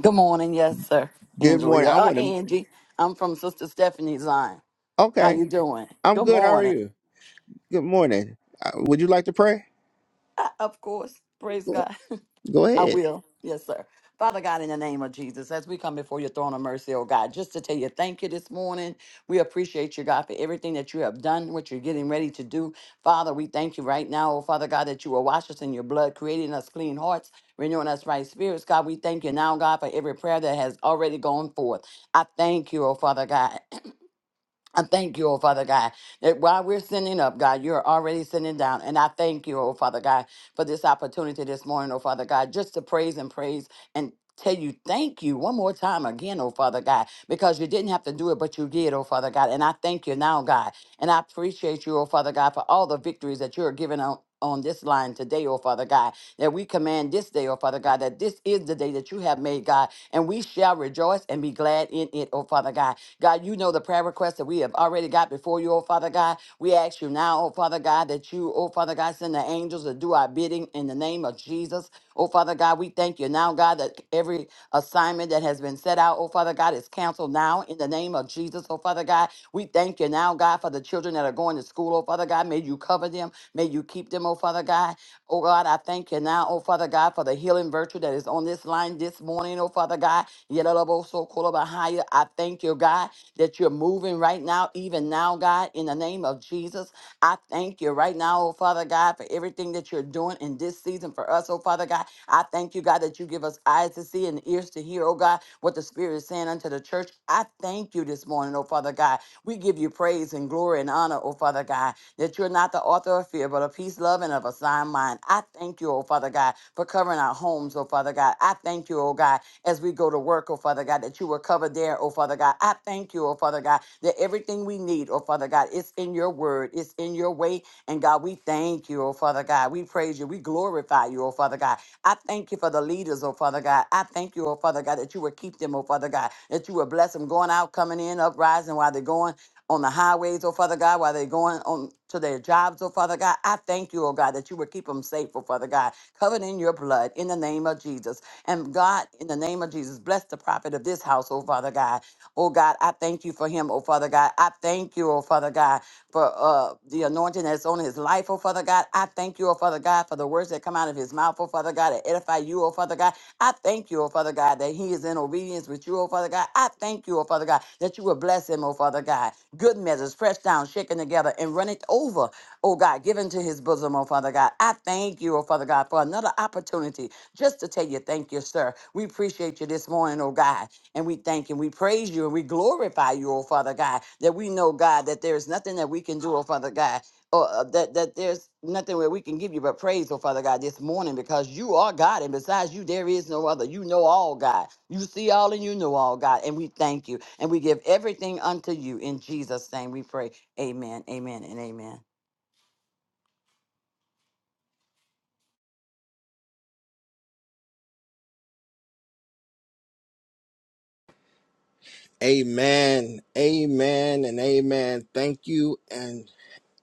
[SPEAKER 5] Good morning, yes, sir.
[SPEAKER 1] Good
[SPEAKER 5] Angela, Yeah,
[SPEAKER 1] morning. I
[SPEAKER 5] uh,
[SPEAKER 1] want to.
[SPEAKER 5] Angie. I'm from Sister Stephanie's line. How you
[SPEAKER 1] Okay,
[SPEAKER 5] doing?
[SPEAKER 1] I'm
[SPEAKER 5] Good
[SPEAKER 1] good. How are
[SPEAKER 5] morning.
[SPEAKER 1] you? Good morning. Uh, Would you like to pray?
[SPEAKER 5] Uh, of course, praise
[SPEAKER 1] Go,
[SPEAKER 5] God.
[SPEAKER 1] go
[SPEAKER 5] [laughs] I
[SPEAKER 1] ahead.
[SPEAKER 5] will, yes, sir. Father God, in the name of Jesus, as we come before your throne of mercy, oh God, just to tell you thank you this morning. We appreciate you, God, for everything that you have done, what you're getting ready to do. Father, we thank you right now, oh Father God, that you will wash us in your blood, creating us clean hearts, renewing us right spirits. God, we thank you now, God, for every prayer that has already gone forth. I thank you, oh Father God. [clears throat] I thank you, oh Father God, that while we're sending up, God, you're already sending down. And I thank you, oh Father God, for this opportunity this morning, oh Father God, just to praise and praise and tell you thank you one more time again, oh Father God, because you didn't have to do it, but you did, oh Father God. And I thank you now, God. And I appreciate you, oh Father God, for all the victories that you're giving on. On this line today, oh Father God, that we command this day, oh Father God, that this is the day that you have made, God, and we shall rejoice and be glad in it, oh Father God. God, you know the prayer requests that we have already got before you, oh Father God. We ask you now, oh Father God, that you, oh Father God, send the angels to do our bidding in the name of Jesus. Oh Father God, we thank you now, God, that every assignment that has been set out, oh Father God, is canceled now in the name of Jesus. Oh Father God, we thank you now, God, for the children that are going to school, oh Father God. May you cover them. May you keep them, oh Father God. Oh God, I thank you now, oh Father God, for the healing virtue that is on this line this morning, oh Father God. Yedalabosokolobahaya. I thank you, God, that you're moving right now, even now, God, in the name of Jesus. I thank you right now, oh Father God, for everything that you're doing in this season for us, oh Father God. I thank you, God, that you give us eyes to see and ears to hear, oh God, what the Spirit is saying unto the church. I thank you this morning, oh Father God. We give you praise and glory and honor, oh Father God, that you're not the author of fear, but of peace, love, and of a sound mind. I thank you, oh Father God, for covering our homes, oh Father God. I thank you, oh God, as we go to work, oh Father God, that you will cover there, oh Father God. I thank you, oh Father God, that everything we need, oh Father God, it's in your word, it's in your way. And God, we thank you, oh Father God. We praise you, we glorify you, oh Father God. I thank you for the leaders, oh Father God. I thank you, oh Father God, that you will keep them, oh Father God, that you will bless them going out, coming in, uprising while they're going on the highways, oh Father God, while they're going on to their jobs, oh Father God. I thank you, oh God, that you will keep them safe, oh Father God, covered in your blood in the name of Jesus. And God, in the name of Jesus, bless the prophet of this house, oh Father God. Oh God, I thank you for him, oh Father God. I thank you, oh Father God, for uh, the anointing that's on his life, oh Father God. I thank you, oh Father God, for the words that come out of his mouth, oh Father God, that edify you, oh Father God. I thank you, oh Father God, that he is in obedience with you, oh Father God. I thank you, oh Father God, that you will bless him, oh Father God. Good measures, pressed down, shaken together, and run it over, oh God, given to his bosom, oh Father God. I thank you, oh Father God, for another opportunity just to tell you thank you, sir. We appreciate you this morning, oh God, and we thank and we praise you and we glorify you, oh Father God, that we know, God, that there is nothing that we can do, oh Father God, or uh, that that there's nothing where we can give you but praise, oh Father God, this morning because you are God, and besides you, there is no other. You know all, God. You see all and you know all, God, and we thank you and we give everything unto you in Jesus' name. We pray. Amen. Amen. And amen.
[SPEAKER 1] Amen. Amen. And amen. Thank you and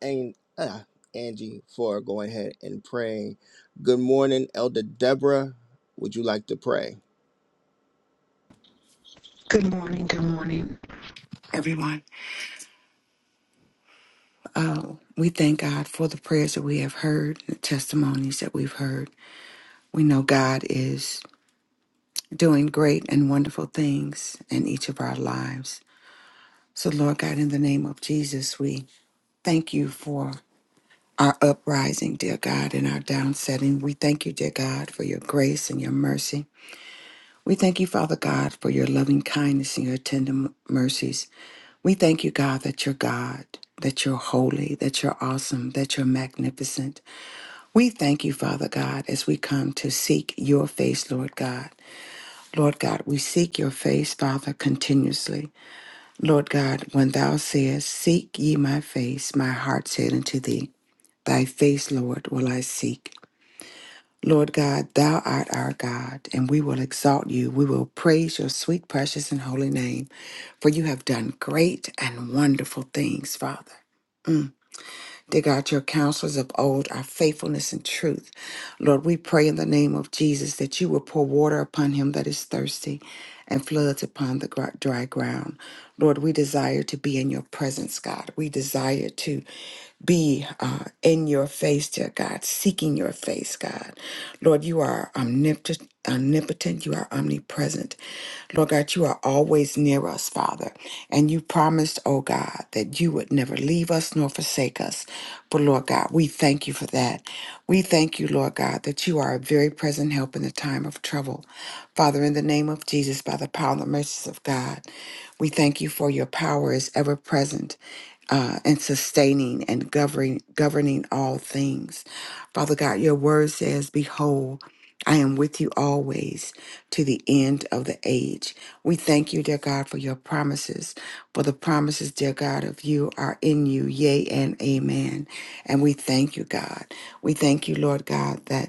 [SPEAKER 1] and uh, Angie for going ahead and praying. Good morning, Elder Deborah. Would you like to pray?
[SPEAKER 6] Good morning, good morning, everyone. Uh, we thank God for the prayers that we have heard, the testimonies that we've heard. We know God is doing great and wonderful things in each of our lives. So, Lord God, in the name of Jesus, we thank you for our uprising, dear God, and our downsetting. We thank you, dear God, for your grace and your mercy. We thank you, Father God, for your loving kindness and your tender m- mercies. We thank you, God, that you're God, that you're holy, that you're awesome, that you're magnificent. We thank you, Father God, as we come to seek your face, Lord God. Lord God, we seek your face, Father, continuously. Lord God, when thou sayest, Seek ye my face, my heart said unto thee, Thy face, Lord, will I seek. Lord God, thou art our God, and we will exalt you. We will praise your sweet, precious, and holy name, for you have done great and wonderful things, Father. Dear God, your counselors of old are faithfulness and truth. Lord, we pray in the name of Jesus that you will pour water upon him that is thirsty and floods upon the gr- dry ground. Lord, we desire to be in your presence, God. We desire to be uh, in your face, dear God, seeking your face, God. Lord, you are omnipotent, omnipotent, you are omnipresent. Lord God, you are always near us, Father. And you promised, oh God, that you would never leave us nor forsake us. But Lord God, we thank you for that. We thank you, Lord God, that you are a very present help in the time of trouble. Father, in the name of Jesus, by the power and the mercies of God, we thank you for your power is ever present uh, and sustaining and governing governing all things. Father God, your word says, Behold, I am with you always to the end of the age. We thank you, dear God, for your promises, for the promises, dear God, of you are in you, yea and amen. And we thank you, God. We thank you, Lord God, that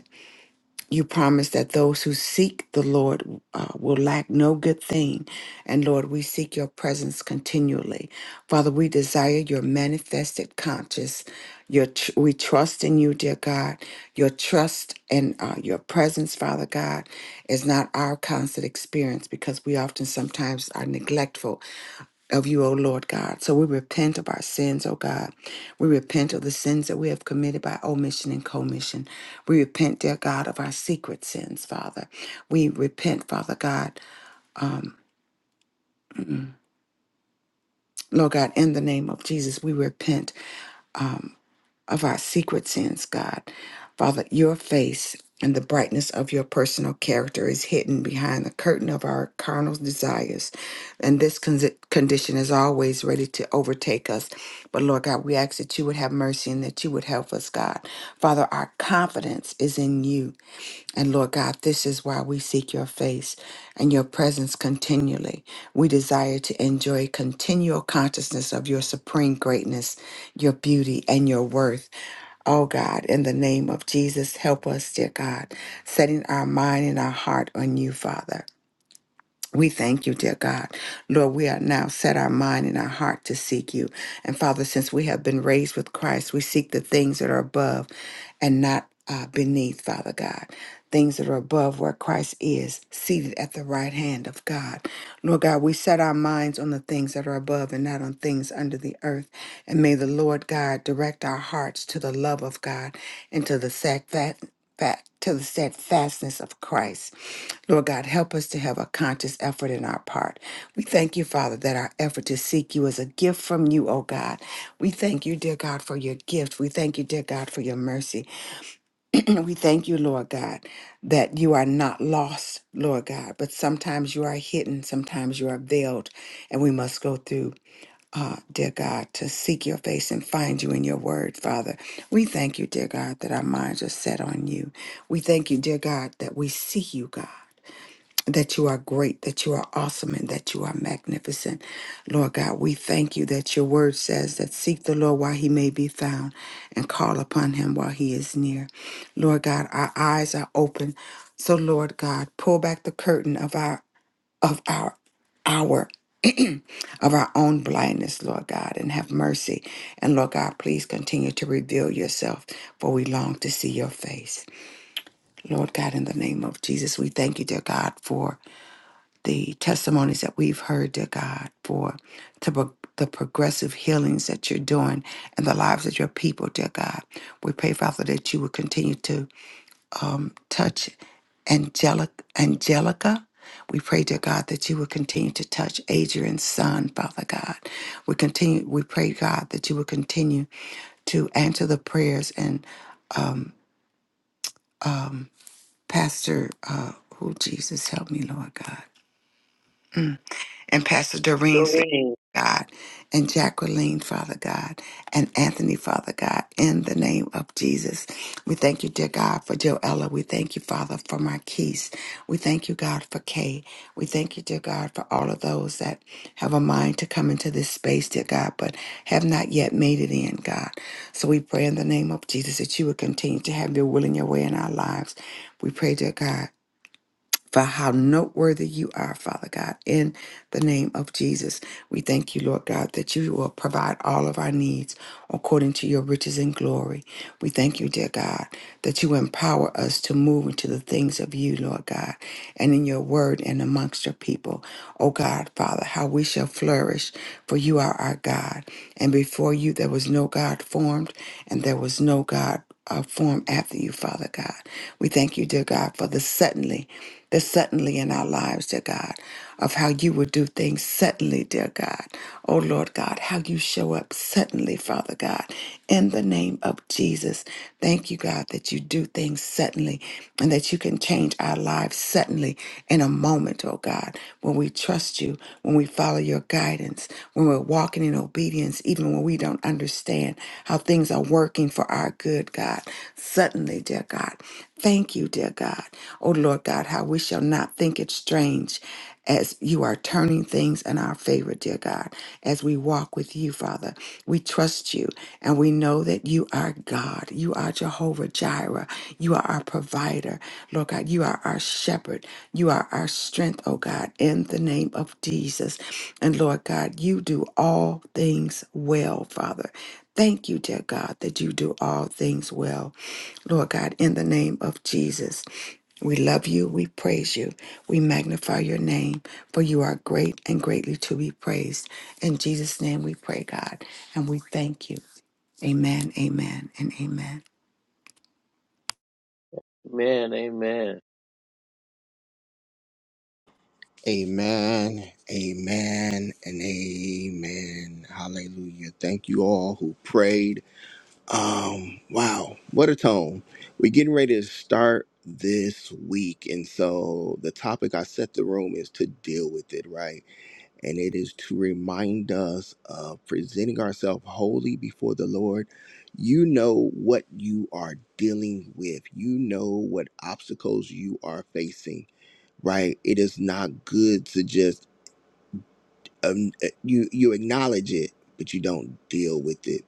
[SPEAKER 6] you promise that those who seek the Lord uh, will lack no good thing. And Lord, we seek your presence continually. Father, we desire your manifested conscious. Your tr- we trust in you, dear God. Your trust and uh, your presence, Father God, is not our constant experience because we often sometimes are neglectful of you, O Lord God. So we repent of our sins, O God. We repent of the sins that we have committed by omission and commission. We repent, dear God, of our secret sins, Father. We repent, Father God. Mm, Lord God, in the name of Jesus, we repent. um, of our secret sins, God. Father, your face and the brightness of your personal character is hidden behind the curtain of our carnal desires. And this con- condition is always ready to overtake us. But Lord God, we ask that you would have mercy and that you would help us, God. Father, our confidence is in you. And Lord God, this is why we seek your face and your presence continually. We desire to enjoy continual consciousness of your supreme greatness, your beauty, and your worth. Oh God, in the name of Jesus, help us, dear God, setting our mind and our heart on you, Father. We thank you, dear God. Lord, we are now set our mind and our heart to seek you. And Father, since we have been raised with Christ, we seek the things that are above and not uh, beneath, Father God. Things that are above where Christ is, seated at the right hand of God. Lord God, we set our minds on the things that are above and not on things under the earth. And may the Lord God direct our hearts to the love of God and to the sac- fat, fat, to the steadfastness of Christ. Lord God, help us to have a conscious effort in our part. We thank you, Father, that our effort to seek you is a gift from you, oh God. We thank you, dear God, for your gift. We thank you, dear God, for your mercy. [clears throat] we thank you, Lord God, that you are not lost, Lord God, but sometimes you are hidden, sometimes you are veiled, and we must go through. Uh, dear God, to seek your face and find you in your word, Father. We thank you, dear God, that our minds are set on you. We thank you, dear God, that we see you, God that you are great, that you are awesome, and that you are magnificent. Lord God, we thank you that your word says that seek the Lord while he may be found and call upon him while he is near. Lord God, our eyes are open. So Lord God, pull back the curtain of our of our our [clears throat] of our own blindness, Lord God, and have mercy. And Lord God, please continue to reveal yourself, for we long to see your face. Lord God, in the name of Jesus, we thank you, dear God, for the testimonies that we've heard, dear God, for to pro- the progressive healings that you're doing in the lives of your people, dear God. We pray, Father, that you would continue to um, touch Angelica. Angelica. We pray, dear God, that you would continue to touch Adrian's son, Father God. We continue. We pray, God, that you would continue to answer the prayers and um, um, Pastor, uh, who Jesus help me, Lord God, and Pastor Doreen's
[SPEAKER 4] Doreen.
[SPEAKER 6] God, and Jacqueline, Father God, and Anthony, Father God, in the name of Jesus. We thank you, dear God, for Joella. We thank you, Father, for Marquise. We thank you, God, for Kay. We thank you, dear God, for all of those that have a mind to come into this space, dear God, but have not yet made it in, God. So we pray in the name of Jesus that you would continue to have your will and your way in our lives. We pray, dear God for how noteworthy you are, Father God. In the name of Jesus, we thank you, Lord God, that you will provide all of our needs according to your riches and glory. We thank you, dear God, that you empower us to move into the things of you, Lord God, and in your word and amongst your people. O God, Father, how we shall flourish, for you are our God. And before you there was no God formed, and there was no God uh, formed after you, Father God. We thank you, dear God, for the suddenly, the suddenly in our lives, dear God, of how you will do things suddenly, dear God. Oh Lord God, how you show up suddenly, Father God, in the name of Jesus. Thank you, God, that you do things suddenly and that you can change our lives suddenly in a moment, oh God, when we trust you, when we follow your guidance, when we're walking in obedience, even when we don't understand how things are working for our good, God. Suddenly, dear God. Thank you, dear God. Oh Lord God, how we shall not think it strange as you are turning things in our favor, dear God, as we walk with you, Father. We trust you and we know that you are God. You are Jehovah Jireh. You are our provider, Lord God. You are our shepherd. You are our strength, oh God, in the name of Jesus. And Lord God, you do all things well, Father. Thank you, dear God, that you do all things well. Lord God, in the name of Jesus. We love you. We praise you. We magnify your name, for you are great and greatly to be praised. In Jesus' name we pray, God, and we thank you. Amen, amen, and amen.
[SPEAKER 4] Amen. Amen.
[SPEAKER 1] Amen. Amen. And amen. Hallelujah. Thank you all who prayed. Um, wow, what a tone. We're getting ready to start this week. And so the topic I set the room is to deal with it, right? And it is to remind us of presenting ourselves wholly before the Lord. You know what you are dealing with, you know what obstacles you are facing, right? It is not good to just um, eh, you you acknowledge it, but you don't deal with it.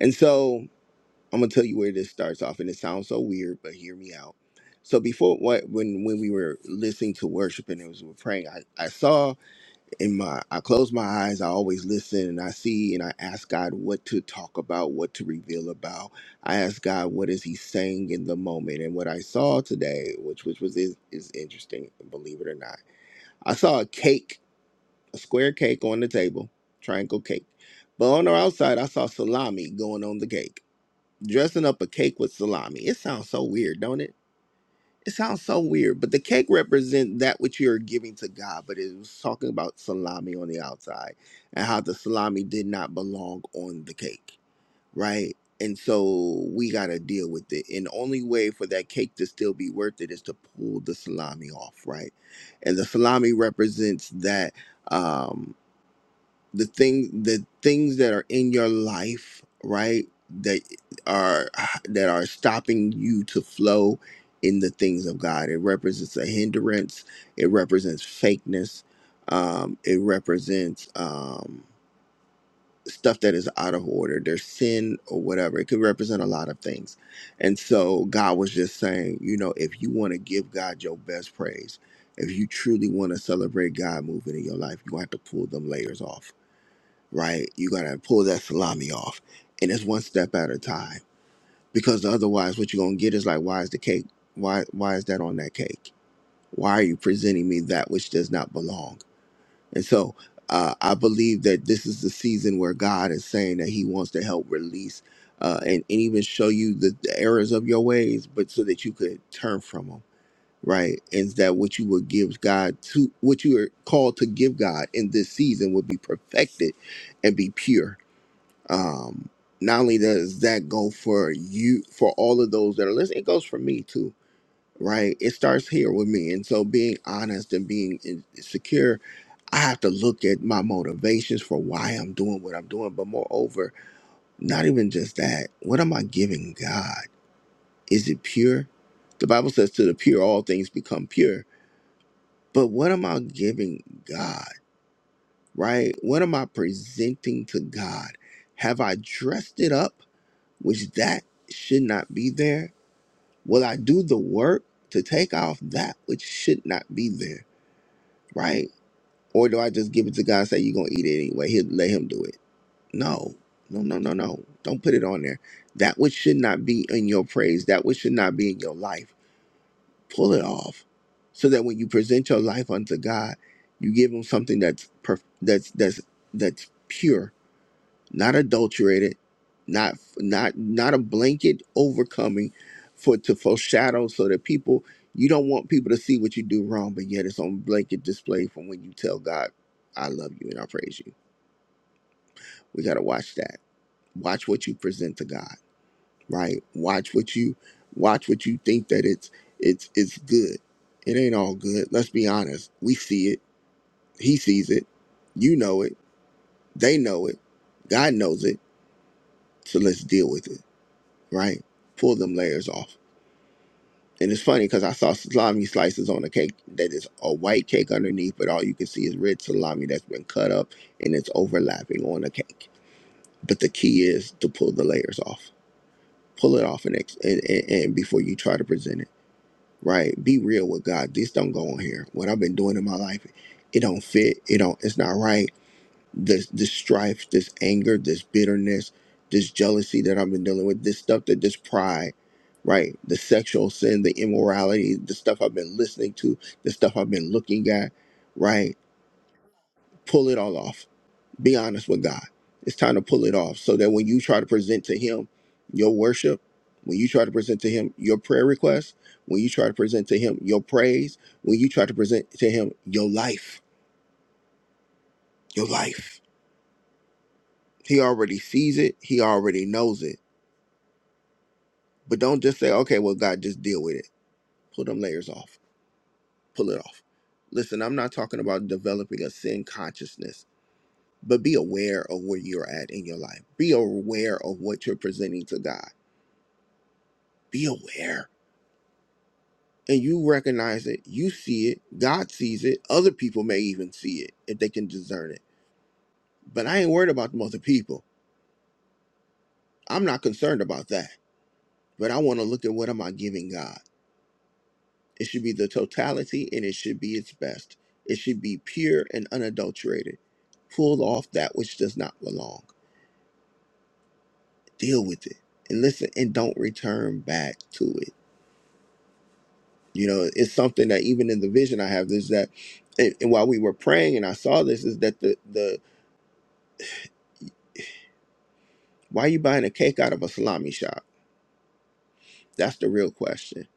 [SPEAKER 1] And so I'm gonna tell you where this starts off, and it sounds so weird, but hear me out. So before what when when we were listening to worship and it was we were praying, I, I saw in my I close my eyes, I always listen and I see and I ask God what to talk about, what to reveal about. I ask God what is he saying in the moment. And what I saw today, which which was is, is interesting, believe it or not, I saw a cake, a square cake on the table, triangle cake. But on the outside I saw salami going on the cake dressing up a cake with salami. It sounds so weird, don't it? It sounds so weird, but the cake represents that which you're giving to God. But it was talking about salami on the outside and how the salami did not belong on the cake, right? And so we got to deal with it. And the only way for that cake to still be worth it is to pull the salami off, right? And the salami represents that. um the thing the things that are in your life right that are that are stopping you to flow in the things of god it represents a hindrance it represents fakeness um it represents um stuff that is out of order there's sin or whatever it could represent a lot of things and so god was just saying you know if you want to give god your best praise if you truly want to celebrate god moving in your life you have to pull them layers off right? You gotta pull that salami off, and it's one step at a time. Because otherwise, what you're gonna get is like, why is the cake? Why why is that on that cake? Why are you presenting me that which does not belong? And so, uh, I believe that this is the season where God is saying that He wants to help release uh, and and even show you the, the errors of your ways, but so that you could turn from them. Right, and that what you would give God to what you are called to give God in this season would be perfected and be pure um, not only does that go for you for all of those that are listening, it goes for me too, right? It starts here with me, and so being honest and being in- secure, I have to look at my motivations for why I'm doing what I'm doing, but moreover, not even just that. What am I giving God? Is it pure? The Bible says, "To the pure, all things become pure." But what am I giving God? Right? What am I presenting to God? Have I dressed it up? which that should not be there? Will I do the work to take off that which should not be there, right? Or do I just give it to God and say, you're going to eat it anyway? He'll let him do it. No, no, no, no, no. Don't put it on there. That which should not be in your praise, that which should not be in your life, pull it off so that when you present your life unto God, you give him something that's perf- that's that's that's pure not adulterated, not not not a blanket overcoming for to foreshadow so that people you don't want people to see what you do wrong, but yet it's on blanket display from when you tell God, I love you and I praise you. We gotta watch that. Watch what you present to God, right? Watch what you watch what you think that it's it's it's good. It ain't all good. Let's be honest. We see it. He sees it. You know it. They know it. God knows it. So let's deal with it right? Pull them layers off. And it's funny because I saw salami slices on a cake that is a white cake underneath, but all you can see is red salami that's been cut up and it's overlapping on the cake. But the key is to pull the layers off. Pull it off and, ex- and, and, and before you try to present it, right? Be real with God. This don't go on here. What I've been doing in my life, it don't fit. It don't. It's not right this this strife, this anger, this bitterness, this jealousy that I've been dealing with, this stuff that this pride, right? The sexual sin, the immorality, the stuff I've been listening to, the stuff I've been looking at, right? Pull it all off. Be honest with God. It's time to pull it off so that when you try to present to him your worship, when you try to present to him your prayer request, when you try to present to him your praise, when you try to present to him your life, your life. He already sees it. He already knows it But don't just say, okay, well, God, just deal with it. Pull them layers off. Pull it off. Listen, I'm not talking about developing a sin consciousness, but be aware of where you're at in your life. Be aware of what you're presenting to God. Be aware. And you recognize it. You see it. God sees it. Other people may even see it if they can discern it. But I ain't worried about them other people. I'm not concerned about that. But I want to look at what am I giving God? It should be the totality and it should be its best. It should be pure and unadulterated. Pull off that which does not belong. Deal with it. And listen and don't return back to it. You know, it's something that even in the vision I have is that and, and while we were praying and I saw this is that the the why are you buying a cake out of a salami shop? That's the real question.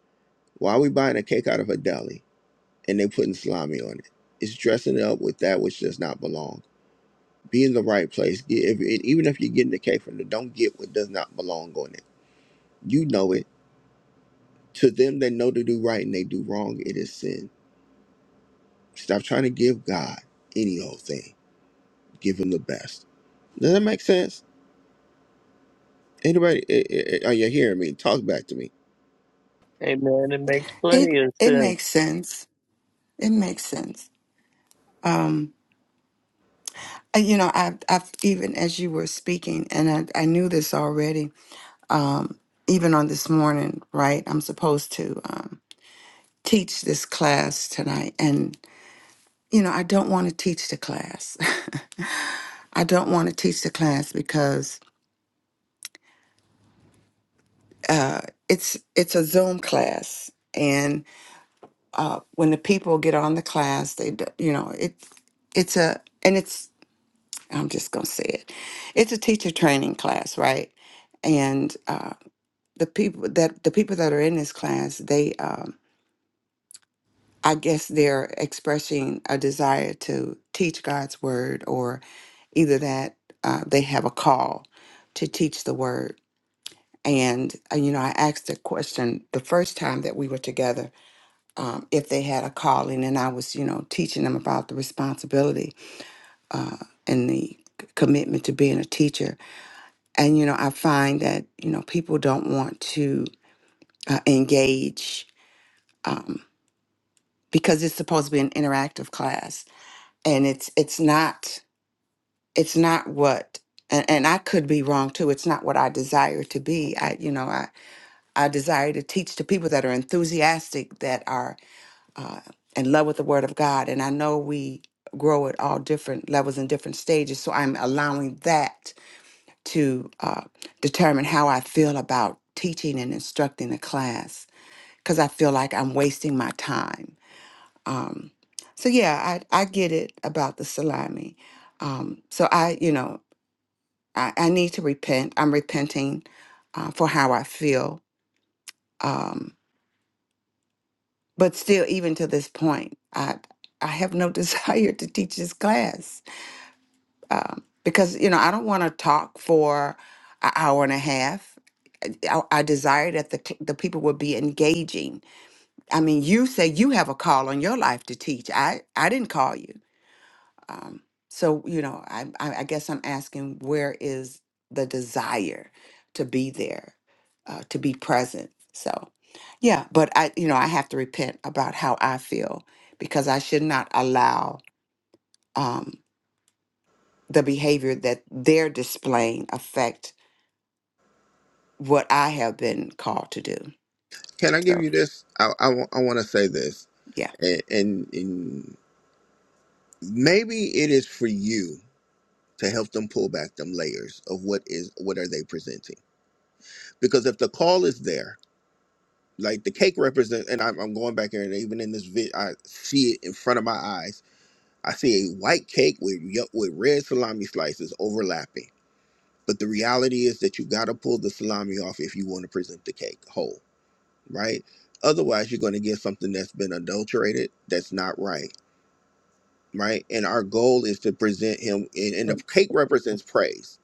[SPEAKER 1] Why are we buying a cake out of a deli and they putting salami on it? It's dressing it up with that which does not belong Be in the right place. Get- If, even if you're getting the cake from it, don't get what does not belong on it. You know it. To them that know to do right and they do wrong, it is sin. Stop trying to give God any old thing. Give him the best. Does that make sense? Anybody, i- i- are you hearing me? Talk back to me.
[SPEAKER 4] Amen. It makes
[SPEAKER 6] It
[SPEAKER 4] plenty of
[SPEAKER 6] it
[SPEAKER 4] sense.
[SPEAKER 6] makes sense. It makes sense. Um, uh, you know, I've, I've even as you were speaking, and I, I knew this already, um, even on this morning, right? I'm supposed to um, teach this class tonight. and you know, I don't want to teach the class. [laughs] I don't want to teach the class because uh, it's it's a Zoom class, and uh, when the people get on the class, they d- you know it it's a and it's I'm just gonna say it, it's a teacher training class, right? And uh, the people that the people that are in this class, they um, I guess they're expressing a desire to teach God's word, or either that uh, they have a call to teach the word. And, uh, you know, I asked the question the first time that we were together um, if they had a calling, and I was, you know, teaching them about the responsibility uh, and the c- commitment to being a teacher. And, you know, I find that, you know, people don't want to uh, engage um, because it's supposed to be an interactive class and it's it's not it's not what and, and I could be wrong too. It's not what I desire to be. I you know I I desire to teach to people that are enthusiastic that are uh, in love with the Word of God, and I know we grow at all different levels and different stages. So I'm allowing that to uh, determine how I feel about teaching and instructing a class because I feel like I'm wasting my time um, so yeah, I, I get it about the salami. Um, so I, you know, I, I need to repent. I'm repenting uh, for how I feel. Um, but still, even to this point, I I have no [laughs] desire to teach this class um, because you know I don't want to talk for an hour and a half. I, I desire that the cl- the people would be engaging. I mean, you say you have a call on your life to teach. I I didn't call you. Um, so you know, I, I I guess I'm asking where is the desire to be there, uh, to be present. So, yeah, but I you know I have to repent about how I feel because I should not allow um, the behavior that they're displaying affect what I have been called to do.
[SPEAKER 1] Can I give
[SPEAKER 6] So
[SPEAKER 1] you this? I, I, wa- I want to say this.
[SPEAKER 6] yeah,
[SPEAKER 1] And, and, and maybe it is for you to help them pull back them layers of what is what are they presenting because if the call is there like the cake represents, and I'm, I'm going back here and even in this vid i see it in front of my eyes i see a white cake with ye- with red salami slices overlapping but the reality is that you got to pull the salami off if you want to present the cake whole right otherwise you're going to get something that's been adulterated that's not right right and our goal is to present him and, and the cake represents praise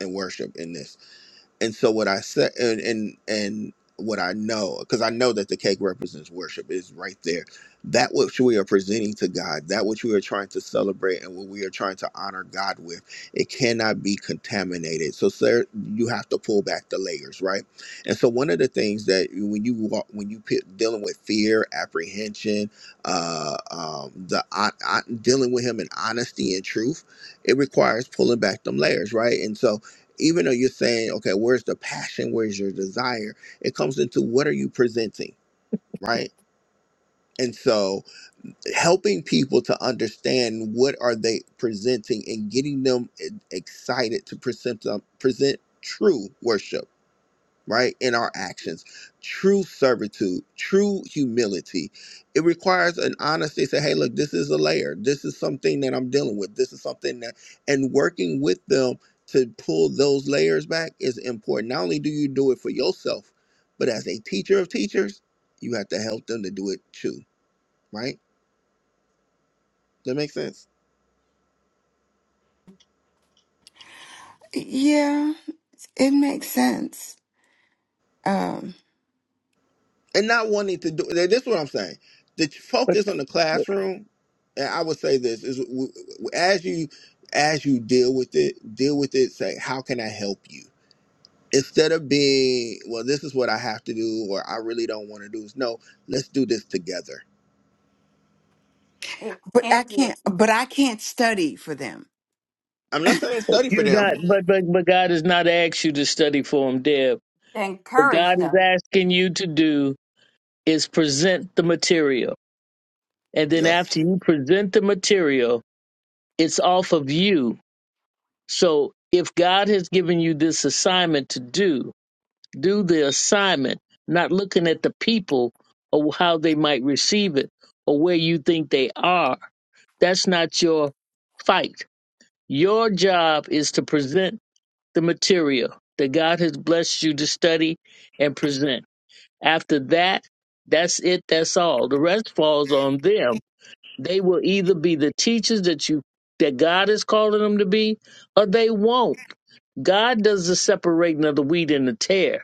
[SPEAKER 1] and worship in this and so what i said and and, and what i know because i know that the cake represents worship is right there that which we are presenting to god that which we are trying to celebrate and what we are trying to honor god with it cannot be contaminated so sir you have to pull back the layers right and so one of the things that you- when you walk when you pe- dealing with fear apprehension uh um the hon- hon- dealing with him in honesty and truth it requires pulling back them layers right and so even though you're saying, okay, where's the passion? Where's your desire? It comes into what are you presenting, right? And so helping people to understand what are they presenting and getting them e- excited to present them, present true worship right? In our actions, true servitude, true humility. It requires an honesty. Say, hey, look, this is a layer. This is something that I'm dealing with. This is something that, and working with them to pull those layers back is important. Not only do you do it for yourself, but as a teacher of teachers, you have to help them to do it too, right? That makes sense.
[SPEAKER 6] yeah, it makes sense. Um,
[SPEAKER 1] and not wanting to do this is what i'm saying the focus on the classroom and i would say this is w- w- as you as you deal with it deal with it say how can i help you instead of being well this is what i have to do or i really don't want to do this no let's do this together
[SPEAKER 3] An-
[SPEAKER 6] but I
[SPEAKER 3] Anthony,
[SPEAKER 6] can't. But I can't study for them.
[SPEAKER 1] i'm not saying study for
[SPEAKER 4] You're
[SPEAKER 1] them
[SPEAKER 4] not, but, but, but God has not asked you to study for him, Deb. What
[SPEAKER 3] encourage
[SPEAKER 4] God is
[SPEAKER 3] them.
[SPEAKER 4] asking you to do is present the material. And then
[SPEAKER 1] yes
[SPEAKER 4] after you present the material, it's off of you. So if God has given you this assignment to do, do the assignment, not looking at the people or how they might receive it or where you think they are. That's not your fight. Your job is to present the material that God has blessed you to study and present. After that, that's it, that's all. The rest falls on them. They will either be the teachers that you that God is calling them to be, or they won't. God does the separating of the wheat and the tear.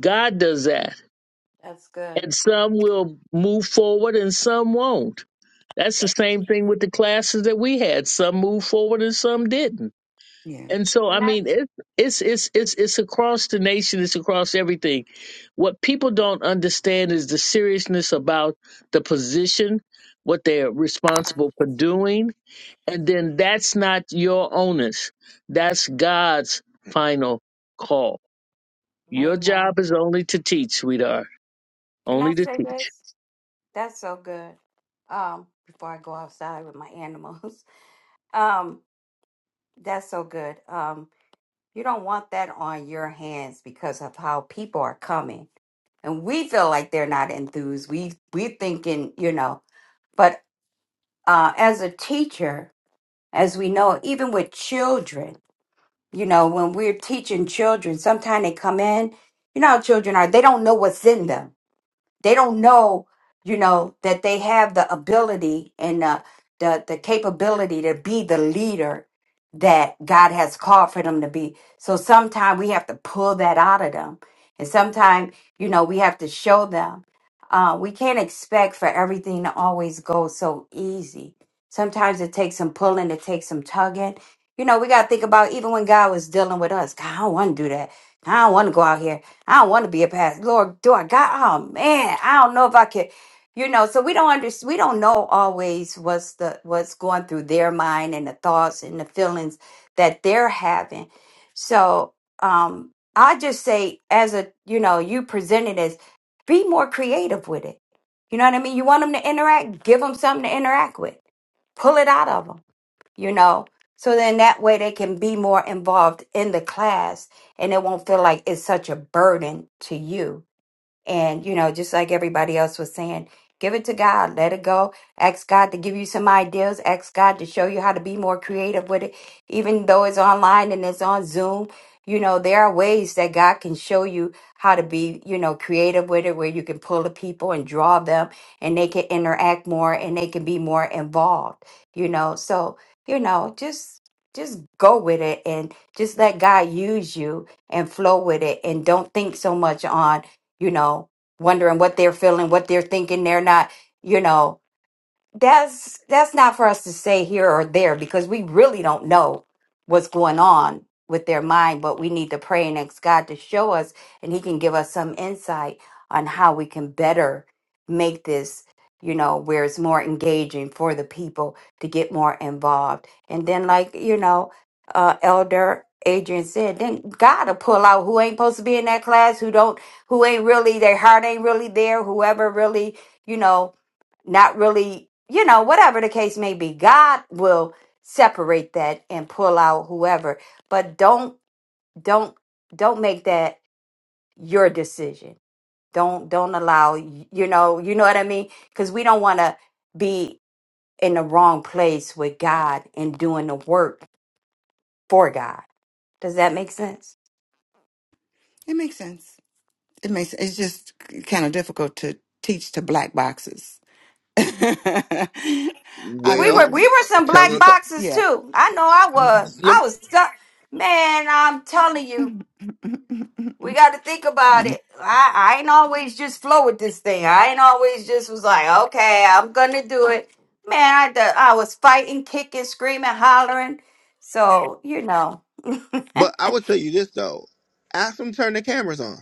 [SPEAKER 4] God does that.
[SPEAKER 3] That's good.
[SPEAKER 4] And some will move forward and some won't. That's the same thing with the classes that we had. Some moved forward and some didn't
[SPEAKER 6] Yeah,
[SPEAKER 4] And so, I
[SPEAKER 3] Can I?
[SPEAKER 4] mean, it, it's it's it's it's across the nation. It's across everything. What people don't understand is the seriousness about the position, what they're responsible for doing, and then that's not your onus. That's God's final call. Your
[SPEAKER 3] Amen.
[SPEAKER 4] job is only to teach, sweetheart.
[SPEAKER 3] Can I
[SPEAKER 4] Only to
[SPEAKER 3] say
[SPEAKER 4] teach.
[SPEAKER 3] this? That's so good. Um, before I go outside with my animals. [laughs] um. That's so good. Um, you don't want that on your hands because of how people are coming, and we feel like they're not enthused. We we thinking, you know, but uh, as a teacher, as we know, even with children, you know, when we're teaching children, sometimes they come in, you know, how children are they don't know what's in them they don't know you know that they have the ability and the the, the capability to be the leader that god has called for them to be so sometimes we have to pull that out of them and sometimes you know we have to show them uh, we can't expect for everything to always go so easy Sometimes it takes some pulling, it takes some tugging. You know, we got to think about even when God was dealing with us. God, I don't want to do that. I don't want to go out here. I don't want to be a pastor. Lord, do I got? Oh man, I don't know if I could. You know, so we don't understand. We don't know always what's the what's going through their mind and the thoughts and the feelings that they're having. So, um, I just say, as a you know, you presented as be more creative with it. You know what I mean? You want them to interact, give them something to interact with pull it out of them, you know. So then that way they can be more involved in the class and it won't feel like it's such a burden to you and, you know, just like everybody else was saying, give it to God, let it go. Ask God to give you some ideas, ask God to show you how to be more creative with it. Even though it's online and it's on Zoom, you know, there are ways that God can show you how to be, you know, creative with it, where you can pull the people and draw them and they can interact more and they can be more involved, you know. So, you know, just. Just go with it and just let God use you and flow with it and don't think so much on you know, wondering what they're feeling, what they're thinking. They're not, you know, that's that's not for us to say here or there because we really don't know what's going on with their mind but we need to pray and ask god to show us and he can give us some insight on how we can better make this you know where it's more engaging for the people to get more involved and then like you know uh elder adrian said then god will pull out who ain't supposed to be in that class who don't who ain't really their heart ain't really there whoever really you know not really, you know, whatever the case may be. God will separate that and pull out whoever. But don't don't don't make that your decision. Don't don't allow you know, you know what I mean? Cuz we don't want to be in the wrong place with God and doing the work for God. Does that make sense?
[SPEAKER 6] it makes sense. It makes it's just kind of difficult to teach to black boxes. [laughs] I
[SPEAKER 3] We were
[SPEAKER 6] mean,
[SPEAKER 1] well
[SPEAKER 3] we were some
[SPEAKER 1] tell
[SPEAKER 3] black
[SPEAKER 1] them
[SPEAKER 6] y-
[SPEAKER 3] boxes
[SPEAKER 6] yeah.
[SPEAKER 3] too. I know I was. I was stuck. Man, I'm telling
[SPEAKER 6] [laughs]
[SPEAKER 3] you. We got to think about it. I, I ain't always just flow with this thing. I ain't always just was like, okay, I'm gonna do it. Man, I d- I was fighting, kicking, screaming, hollering. So you know, [laughs]
[SPEAKER 1] but i would tell you this though ask them to turn the cameras on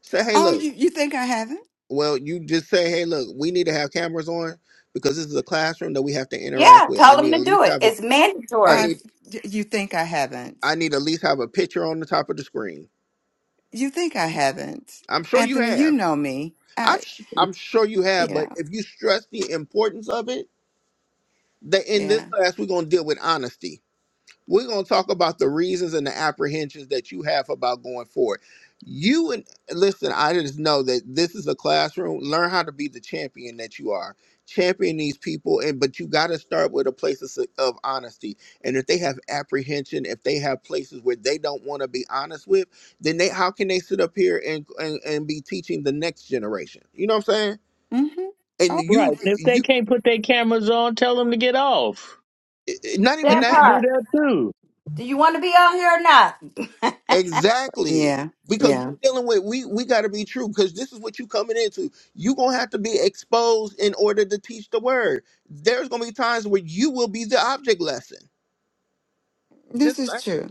[SPEAKER 1] say hey
[SPEAKER 6] oh,
[SPEAKER 1] look
[SPEAKER 6] you you think I haven't?
[SPEAKER 1] Well, you just say, hey, look, we need to have cameras on because this is a classroom that we have to
[SPEAKER 3] yeah,
[SPEAKER 1] interact with. I
[SPEAKER 3] tell them
[SPEAKER 1] need at
[SPEAKER 3] to do
[SPEAKER 1] least
[SPEAKER 3] it.
[SPEAKER 1] have a,
[SPEAKER 3] It's
[SPEAKER 1] I
[SPEAKER 6] I've
[SPEAKER 3] mandatory.
[SPEAKER 1] need,
[SPEAKER 6] y- you think I
[SPEAKER 1] I
[SPEAKER 6] haven't?
[SPEAKER 1] need at least have a picture on the top of the screen.
[SPEAKER 6] You think I haven't?
[SPEAKER 1] I'm sure you
[SPEAKER 6] Anthony, you
[SPEAKER 1] have.
[SPEAKER 6] know me.
[SPEAKER 1] I'm,
[SPEAKER 6] I
[SPEAKER 1] s- I'm sure you have.
[SPEAKER 6] you
[SPEAKER 1] But
[SPEAKER 6] know
[SPEAKER 1] if you stress the importance of it, that in this
[SPEAKER 6] yeah.
[SPEAKER 1] class we're gonna deal with honesty. We're going to talk about the reasons and the apprehensions that you have about going forward. You and listen, I just know that this is a classroom. Learn how to be the champion that you are. Champion these people, and but you got to start with a place of, s- of honesty. And if they have apprehension, if they have places where they don't want to be honest with, then they how can they sit up here and, and and be teaching the next generation? You know what I'm saying?
[SPEAKER 6] Mm-hmm.
[SPEAKER 1] And
[SPEAKER 6] Oh
[SPEAKER 4] Right.
[SPEAKER 1] you
[SPEAKER 4] And if they
[SPEAKER 1] you
[SPEAKER 4] can't put their cameras on, tell them to get off.
[SPEAKER 1] not even
[SPEAKER 4] You
[SPEAKER 3] That
[SPEAKER 1] that.
[SPEAKER 4] can do
[SPEAKER 3] part.
[SPEAKER 4] that too.
[SPEAKER 3] Do you want to be on here or not? [laughs]
[SPEAKER 1] Exactly.
[SPEAKER 6] yeah
[SPEAKER 1] Because we're
[SPEAKER 6] yeah.
[SPEAKER 1] dealing with we we gotta be true because this is what you coming into. you gonna have to be exposed in order to teach the word. There's gonna be times where you will be the object lesson.
[SPEAKER 6] This
[SPEAKER 1] Just
[SPEAKER 6] is
[SPEAKER 1] saying.
[SPEAKER 6] true.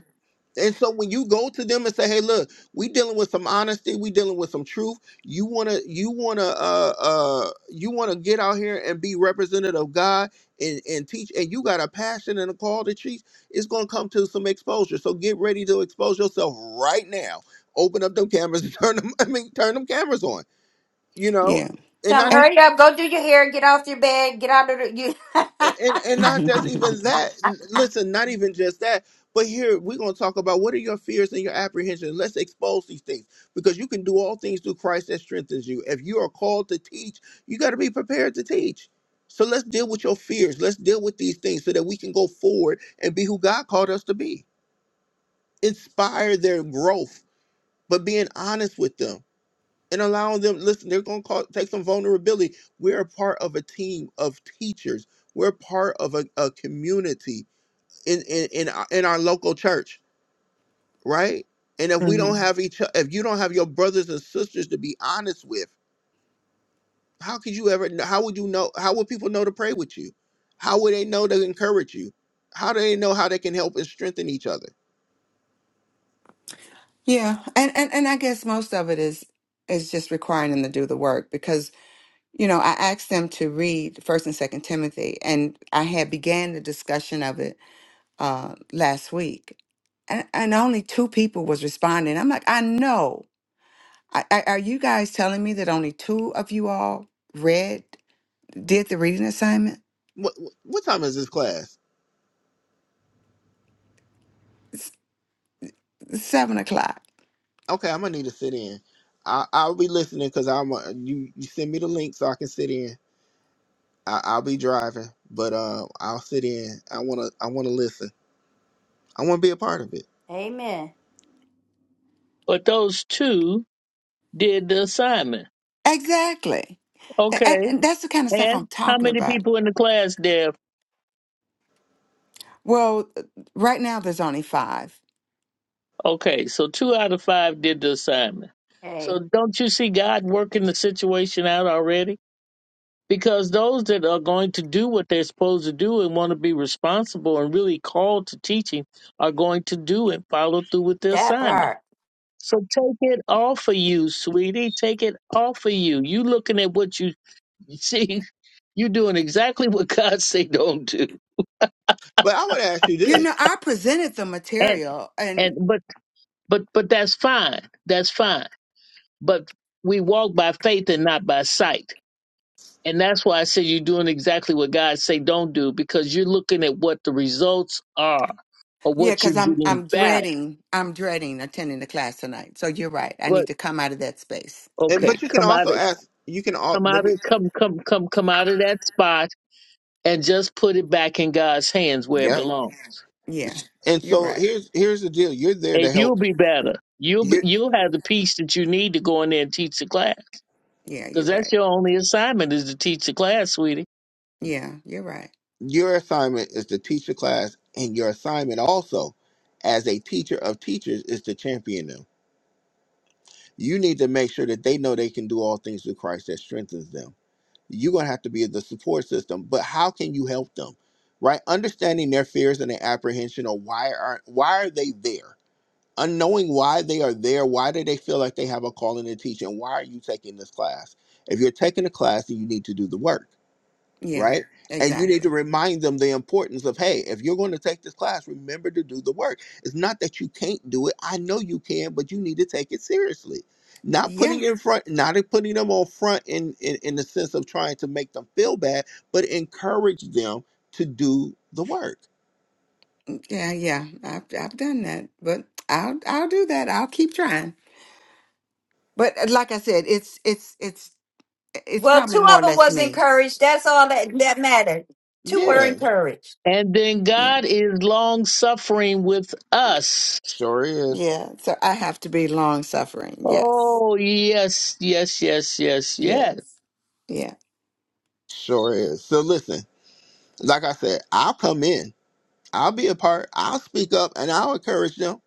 [SPEAKER 1] And so when you go to them and say, "Hey, look, we dealing with some honesty, we dealing with some truth. You wanna, you wanna, uh, uh, you wanna get out here and be representative of God and and teach, and you got a passion and a call to teach. It's gonna come to some exposure. So get ready to expose yourself right now. Open up them cameras, [laughs] turn them. I mean, turn them cameras on. You know,
[SPEAKER 6] Yeah
[SPEAKER 1] and
[SPEAKER 3] Tell them
[SPEAKER 1] not
[SPEAKER 6] and. [laughs]
[SPEAKER 3] hurry up, go do your hair, get off your bed, get out of the. You. [laughs]
[SPEAKER 1] and and not just
[SPEAKER 6] Mhm.
[SPEAKER 1] even that. N- Listen, not even just that. But here we're going to talk about what are your fears and your apprehensions. Let's expose these things because you can do all things through Christ that strengthens you. If you are called to teach, you got to be prepared to teach. So let's deal with your fears. Let's deal with these things so that we can go forward and be who God called us to be. Inspire their growth, but being honest with them and allowing them listen they're going to call take some vulnerability we're a part of a team of teachers we're part of a, a community in in in our, in our local church right and if we don't Mhm. have each o- if you don't have your brothers and sisters to be honest with how could you ever kn- how would you know how would people know to pray with you how would they know to encourage you how do they know how they can help and strengthen each other
[SPEAKER 6] Yeah, and, and and I guess most of it is is just requiring them to do the work because you know, I asked them to read First and Second Timothy, and I had began the discussion of it uh, last week, and, and only two people was responding. I'm like, I know. I, I, are you guys telling me that only two of you all read did the reading assignment?
[SPEAKER 1] what what what time is this class
[SPEAKER 6] Seven o'clock,
[SPEAKER 1] Okay, I'm gonna need to sit in. I I'll be listening because I'm uh, you. You send me the link so I can sit in. I, I'll be driving, but uh, I'll sit in. I wanna I wanna listen. I wanna be a part of it.
[SPEAKER 3] Amen.
[SPEAKER 4] But those two did the assignment.
[SPEAKER 6] exactly. A- And,
[SPEAKER 4] Okay.
[SPEAKER 6] and that's the kind of stuff I'm
[SPEAKER 4] And how
[SPEAKER 6] talking
[SPEAKER 4] many
[SPEAKER 6] about.
[SPEAKER 4] people in the class, Dev?
[SPEAKER 6] Well, right now there's only five.
[SPEAKER 4] Okay, so two out of five did the assignment. So
[SPEAKER 3] Hey,
[SPEAKER 4] don't you see God working the situation out already? Because those that are going to do what they're supposed to do and want to be responsible and really called to teaching are going to do and follow through with the
[SPEAKER 3] that
[SPEAKER 4] assignment.
[SPEAKER 3] part.
[SPEAKER 4] So take it off of you, sweetie. Take it off of you. You looking at what you [laughs] you see, you doing exactly what God say don't do.
[SPEAKER 1] But I would ask you
[SPEAKER 6] You
[SPEAKER 1] this,
[SPEAKER 6] know, I presented the
[SPEAKER 4] And
[SPEAKER 6] material,
[SPEAKER 4] and but but but that's fine. That's fine but we walk by faith and not by sight. And that's why I said you're doing exactly what God say don't do because you're looking at what the results are or
[SPEAKER 6] Yeah,
[SPEAKER 4] what you're
[SPEAKER 6] because I'm
[SPEAKER 4] getting
[SPEAKER 6] I'm
[SPEAKER 4] back.
[SPEAKER 6] dreading I'm dreading attending the class tonight. So you're right. I
[SPEAKER 4] But
[SPEAKER 6] need to come out of that space.
[SPEAKER 1] and
[SPEAKER 4] okay,
[SPEAKER 6] Yeah,
[SPEAKER 1] but you can
[SPEAKER 4] come out
[SPEAKER 1] also
[SPEAKER 4] of
[SPEAKER 1] ask. You can all
[SPEAKER 4] come
[SPEAKER 1] let
[SPEAKER 4] out
[SPEAKER 1] me.
[SPEAKER 4] of come come come come out of that spot and just put it back in God's hands where it
[SPEAKER 1] Yep.
[SPEAKER 4] belongs.
[SPEAKER 6] yeah,
[SPEAKER 1] And
[SPEAKER 6] you're
[SPEAKER 1] so
[SPEAKER 6] right.
[SPEAKER 1] here's here's the deal. You're there
[SPEAKER 4] And
[SPEAKER 1] to
[SPEAKER 4] you'll
[SPEAKER 1] help.
[SPEAKER 4] be better. You'll be,
[SPEAKER 1] Your
[SPEAKER 4] you'll have the peace that you need to go in there and teach the class
[SPEAKER 6] Yeah,
[SPEAKER 4] because
[SPEAKER 6] you're
[SPEAKER 4] that's
[SPEAKER 6] right.
[SPEAKER 4] your only assignment is to teach the class, sweetie.
[SPEAKER 6] Yeah, you're right.
[SPEAKER 1] your assignment is to teach the class, and your assignment also, as a teacher of teachers, is to champion them. You need to make sure that they know they can do all things through Christ that strengthens them you're going to have to be the support system but how can you help them right understanding their fears and their apprehension or why are why are they there unknowing why they are there why do they feel like they have a calling to teach and why are you taking this class if you're taking a class then you need to do the work
[SPEAKER 6] Yeah,
[SPEAKER 1] right? And you need to
[SPEAKER 6] exactly.
[SPEAKER 1] remind them the importance of, hey, if you're going to take this class, remember to do the work. It's not that you can't do it. I know you can, but you need to take it seriously. Not
[SPEAKER 6] Yeah,
[SPEAKER 1] putting in front, not putting them on front in, in, in the sense of trying to make them feel bad, but encourage them to do the work.
[SPEAKER 6] mm, yeah, yeah. I've I've done that, but I'll I'll do that. I'll keep trying. But uh, like I said, it's it's it's it's
[SPEAKER 3] Well,
[SPEAKER 6] probably
[SPEAKER 3] two
[SPEAKER 6] more or
[SPEAKER 3] of them
[SPEAKER 6] less
[SPEAKER 3] was
[SPEAKER 6] me.
[SPEAKER 3] encouraged. That's all that that mattered. Two were
[SPEAKER 1] Yeah,
[SPEAKER 3] encouraged.
[SPEAKER 4] And then
[SPEAKER 6] Yeah,
[SPEAKER 4] God is long suffering with us.
[SPEAKER 1] sure is.
[SPEAKER 6] yeah. So I have to be long suffering. Yes,
[SPEAKER 4] Oh, yes, yes, yes, yes,
[SPEAKER 6] yes,
[SPEAKER 4] yes.
[SPEAKER 6] yeah.
[SPEAKER 1] Sure is. So listen, like I said, I'll come in, I'll be a part, I'll speak up, and I'll encourage them,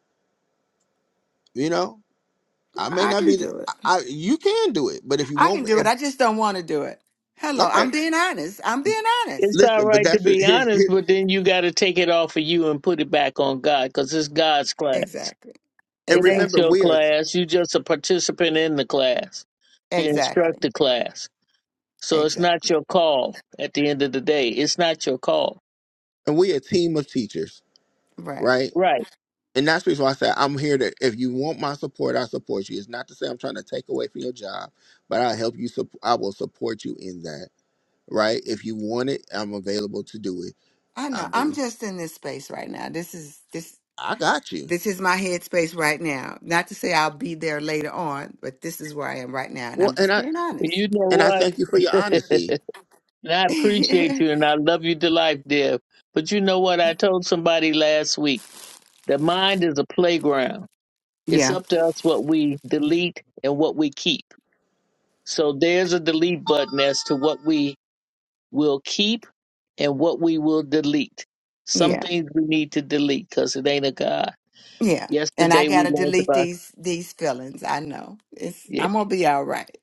[SPEAKER 1] you know,
[SPEAKER 6] No,
[SPEAKER 1] I may
[SPEAKER 6] I
[SPEAKER 1] not
[SPEAKER 6] can
[SPEAKER 1] be. The,
[SPEAKER 6] do it.
[SPEAKER 1] I you can do it, but if you
[SPEAKER 6] I
[SPEAKER 1] want,
[SPEAKER 6] can do it.
[SPEAKER 1] if
[SPEAKER 6] I just don't want to do it. Hello. I'm
[SPEAKER 1] okay,
[SPEAKER 6] being honest. I'm being honest.
[SPEAKER 4] It's all
[SPEAKER 1] listen. But
[SPEAKER 4] right to
[SPEAKER 1] that's what-
[SPEAKER 4] be
[SPEAKER 1] here's
[SPEAKER 4] honest,
[SPEAKER 1] here's
[SPEAKER 4] but then you got to take it off of you and put it back on God because it's God's class.
[SPEAKER 6] Exactly.
[SPEAKER 1] and
[SPEAKER 4] It ain't
[SPEAKER 1] remember
[SPEAKER 6] Exactly.
[SPEAKER 4] your
[SPEAKER 1] we are
[SPEAKER 4] class. you just a participant in the class, the
[SPEAKER 6] Exactly.
[SPEAKER 4] instructor class. So it's not
[SPEAKER 6] Exactly.
[SPEAKER 4] your call at the end of the day. It's not your call.
[SPEAKER 1] and we a team of teachers,
[SPEAKER 6] Right.
[SPEAKER 1] right?
[SPEAKER 4] Right.
[SPEAKER 1] And that's the reason why I said I'm here to. If you want my support, I support you. It's not to say I'm trying to take away from your job, but I help you. sup- I will support you in that, right? If you want it, I'm available to do it.
[SPEAKER 6] I
[SPEAKER 1] I
[SPEAKER 6] know. I'm
[SPEAKER 1] mean,
[SPEAKER 6] just in this space right now. This is this
[SPEAKER 1] I got you.
[SPEAKER 6] this is my headspace right now. Not to say I'll be there later on, but this is where I am right now and
[SPEAKER 1] Well,
[SPEAKER 6] I'm
[SPEAKER 1] and
[SPEAKER 6] just
[SPEAKER 1] I
[SPEAKER 6] being honest.
[SPEAKER 4] You know
[SPEAKER 1] and I
[SPEAKER 4] what?
[SPEAKER 1] thank you for your honesty.
[SPEAKER 4] And I appreciate
[SPEAKER 6] [laughs]
[SPEAKER 4] you and I love you to life, Deb. But you know what? I told somebody last week the mind is a playground. It's
[SPEAKER 6] yeah.
[SPEAKER 4] up to us what we delete and what we keep. So there's a delete button as to what we will keep and what we will delete. Some
[SPEAKER 6] Yeah.
[SPEAKER 4] things we need to delete because it ain't a God.
[SPEAKER 6] Yeah. And I
[SPEAKER 4] Yesterday we
[SPEAKER 6] gotta
[SPEAKER 4] learned
[SPEAKER 6] delete
[SPEAKER 4] about,
[SPEAKER 6] these these feelings. I know. It's
[SPEAKER 4] yeah.
[SPEAKER 6] I'm gonna be all right.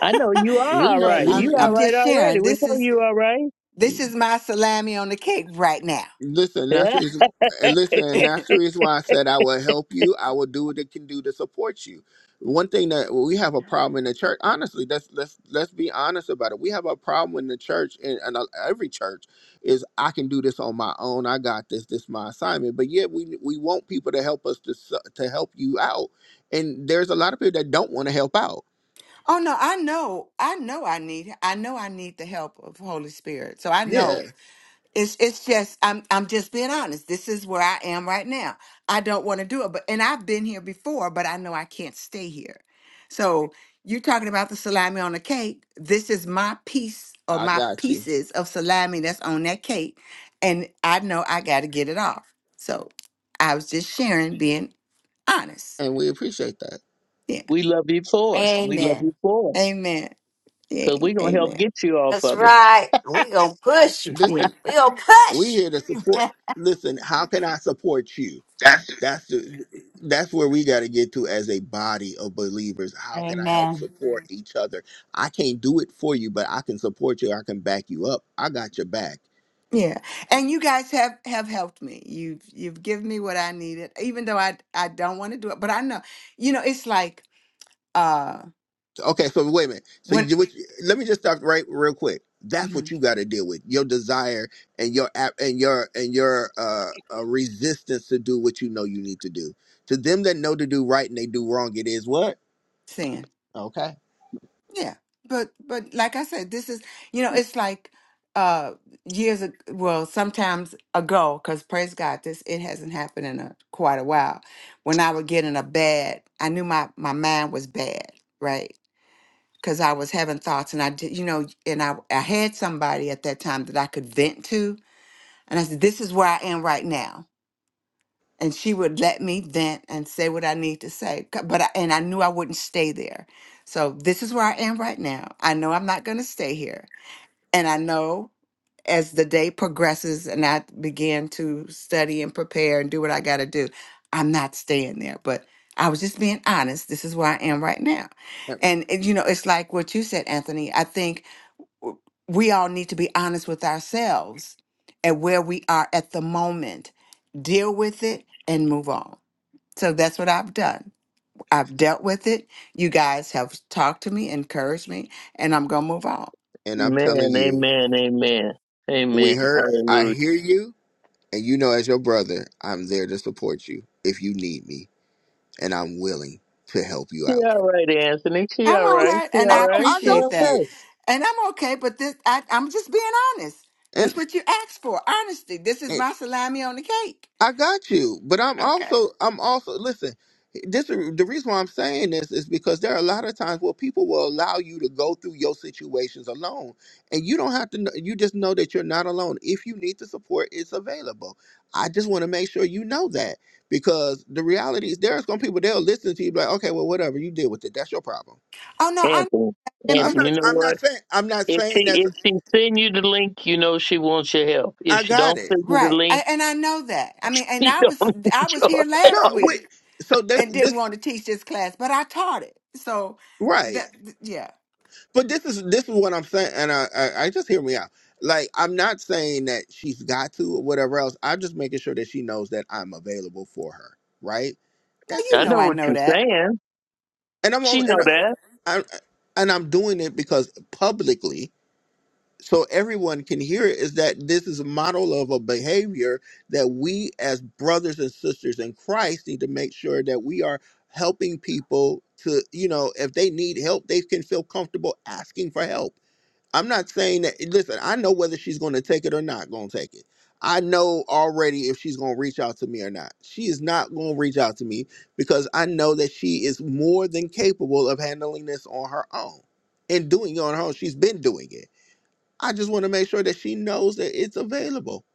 [SPEAKER 4] I know you are
[SPEAKER 1] We
[SPEAKER 4] all
[SPEAKER 6] [laughs]
[SPEAKER 1] know
[SPEAKER 6] but
[SPEAKER 4] right.
[SPEAKER 6] I'm
[SPEAKER 4] You all
[SPEAKER 1] we.
[SPEAKER 6] I'm
[SPEAKER 4] right
[SPEAKER 6] just
[SPEAKER 4] already.
[SPEAKER 6] sharing.
[SPEAKER 4] We
[SPEAKER 6] This
[SPEAKER 4] know
[SPEAKER 6] is
[SPEAKER 4] you all right.
[SPEAKER 6] This is my salami on the cake right now.
[SPEAKER 1] Listen, that's the
[SPEAKER 4] [laughs]
[SPEAKER 1] reason,
[SPEAKER 4] Yeah.
[SPEAKER 1] and
[SPEAKER 6] [laughs]
[SPEAKER 1] listen, that's the reason why I said I will help you. I will do what it can do to support you. One thing that we have a problem in the church, honestly, let's let's let's be honest about it. We have a problem in the church, and, and uh, every church is I can do this on my own. I got this. This is my assignment. But yet we we want people to help us to su- to help you out, and there's a lot of people that don't want to help out.
[SPEAKER 6] Oh no, I know. I know I need I know I need the help of Holy Spirit. So I
[SPEAKER 1] Yeah,
[SPEAKER 6] know. It's it's just I'm I'm just being honest. This is where I am right now. I don't want to do it, but and I've been here before, but I know I can't stay here. So you're talking about the salami on the cake. This is my piece or
[SPEAKER 1] I
[SPEAKER 6] my
[SPEAKER 1] got you,
[SPEAKER 6] pieces of salami that's on that cake. And I know I gotta get it off. So I was just sharing being honest.
[SPEAKER 1] and we appreciate that.
[SPEAKER 6] Yeah.
[SPEAKER 4] we love you for it. We love you
[SPEAKER 3] Amen.
[SPEAKER 4] for it.
[SPEAKER 6] Amen. Yeah,
[SPEAKER 4] because we're
[SPEAKER 6] e,
[SPEAKER 4] going to help
[SPEAKER 6] amen.
[SPEAKER 4] get you off
[SPEAKER 3] That's
[SPEAKER 4] of it.
[SPEAKER 3] right. We gonna push.
[SPEAKER 1] This is
[SPEAKER 3] We gonna
[SPEAKER 1] we
[SPEAKER 3] push.
[SPEAKER 1] here to support. Listen, how can I support you? That's the, that's where we got to get to as a body of believers. How can I help
[SPEAKER 3] Amen.
[SPEAKER 1] support each other? I can't do it for you, but I can support you. I can back you up. I got your back.
[SPEAKER 6] Yeah. And you guys have have helped me. You've you've given me what I needed, even though I I don't want to do it. But I know, you know, it's like uh
[SPEAKER 1] Okay, so wait a minute. So
[SPEAKER 6] when
[SPEAKER 1] you, what, let me just stop right real quick. That's what
[SPEAKER 6] mhm,
[SPEAKER 1] you got to deal with. Your desire and your app and your and your uh, uh resistance to do what you know you need to do. To them that know to do right and they do wrong, it is what
[SPEAKER 6] sin.
[SPEAKER 1] okay.
[SPEAKER 6] Yeah. But but like I said, this is you know, it's like uh years ago, well, sometimes ago, because praise God, this it hasn't happened in a quite a while. When I would get in a bad, I knew my my mind was bad, right? because I was having thoughts and I did, you know, and I, I had somebody at that time that I could vent to. And I said, this is where I am right now. And she would let me vent and say what I need to say. c- But I, and I knew I wouldn't stay there. So this is where I am right now. I know I'm not going to stay here. And I know as the day progresses and I began to study and prepare and do what I got to do, I'm not staying there. But I was just being honest. This is where I am right now. And, and you know, it's like what you said, Anthony. I think we all need to be honest with ourselves and where we are at the moment, deal with it, and move on. So that's what I've done. I've dealt with it. You guys have talked to me, encouraged me, and I'm gonna move on.
[SPEAKER 1] And I'm telling
[SPEAKER 4] Amen.
[SPEAKER 1] you,
[SPEAKER 4] amen, amen,
[SPEAKER 1] we
[SPEAKER 4] amen.
[SPEAKER 1] heard. I
[SPEAKER 4] Hallelujah.
[SPEAKER 1] hear you And you know, as your brother, I'm there to support you if you need me, and I'm willing to help you
[SPEAKER 4] She
[SPEAKER 1] out.
[SPEAKER 4] all right, Anthony. She
[SPEAKER 6] I'm
[SPEAKER 1] I
[SPEAKER 4] all
[SPEAKER 6] all
[SPEAKER 1] know
[SPEAKER 4] right.
[SPEAKER 1] she,
[SPEAKER 6] right,
[SPEAKER 4] She
[SPEAKER 6] and
[SPEAKER 4] all
[SPEAKER 6] I
[SPEAKER 1] oh no,
[SPEAKER 4] right.
[SPEAKER 1] I
[SPEAKER 4] She
[SPEAKER 1] know
[SPEAKER 6] appreciate
[SPEAKER 1] she
[SPEAKER 6] that,
[SPEAKER 4] okay.
[SPEAKER 1] is.
[SPEAKER 6] and I'm okay. But this, I, I'm just being honest.
[SPEAKER 1] And
[SPEAKER 6] That's what you asked for, honesty. This is my salami on the cake.
[SPEAKER 1] I got you, but I'm
[SPEAKER 6] Okay.
[SPEAKER 1] also I'm also listen. This the reason why I'm saying this is because there are a lot of times where people will allow you to go through your situations alone, and you don't have to. Know, you just know that you're not alone. If you need the support, it's available. I just want to make sure you know that because the reality is there's going to people they'll listen to you be like, okay, well, whatever you deal with it. That's your problem.
[SPEAKER 6] Oh no, I
[SPEAKER 4] Anthony,
[SPEAKER 6] and
[SPEAKER 1] I'm
[SPEAKER 6] but
[SPEAKER 4] Anthony,
[SPEAKER 1] not.
[SPEAKER 4] you know
[SPEAKER 1] I'm
[SPEAKER 4] what?
[SPEAKER 1] not saying. I'm not
[SPEAKER 4] If
[SPEAKER 1] saying
[SPEAKER 4] she
[SPEAKER 1] that.
[SPEAKER 4] if she send you the link, you know she wants your help. If
[SPEAKER 1] I
[SPEAKER 4] she
[SPEAKER 1] got
[SPEAKER 4] don't
[SPEAKER 1] it.
[SPEAKER 4] send you the
[SPEAKER 6] right,
[SPEAKER 4] link,
[SPEAKER 6] I, and I know that. I mean,
[SPEAKER 4] [laughs]
[SPEAKER 6] and
[SPEAKER 4] she
[SPEAKER 6] I
[SPEAKER 4] don't
[SPEAKER 6] was I
[SPEAKER 4] want
[SPEAKER 6] was
[SPEAKER 4] your
[SPEAKER 6] here
[SPEAKER 1] No,
[SPEAKER 6] last
[SPEAKER 4] help.
[SPEAKER 6] week.
[SPEAKER 1] wait. So that's
[SPEAKER 6] and didn't
[SPEAKER 1] this
[SPEAKER 6] want to teach this class, but I taught it. So
[SPEAKER 1] right.
[SPEAKER 6] that th- yeah.
[SPEAKER 1] But this is this is what I'm saying, and I, I I just hear me out. Like I'm not saying that she's got to or whatever else. I'm just making sure that she knows that I'm available for her. Right?
[SPEAKER 6] Now
[SPEAKER 1] That's
[SPEAKER 6] you
[SPEAKER 4] I
[SPEAKER 1] it.
[SPEAKER 6] know
[SPEAKER 4] know
[SPEAKER 6] I
[SPEAKER 4] what
[SPEAKER 6] know
[SPEAKER 4] you're
[SPEAKER 6] that.
[SPEAKER 4] saying.
[SPEAKER 1] And I'm
[SPEAKER 4] She
[SPEAKER 1] only and
[SPEAKER 4] know that.
[SPEAKER 1] I, I and I'm doing it because publicly, so everyone can hear it, is that this is a model of a behavior that we as brothers and sisters in Christ need to make sure that we are helping people to you know if they need help they can feel comfortable asking for help I'm not saying that. Listen, I know whether she's going to take it or not. Going to take it. I know already if she's going to reach out to me or not. She is not going to reach out to me because I know that she is more than capable of handling this on her own and doing it on her own. She's been doing it. I just want to make sure that she knows that it's available.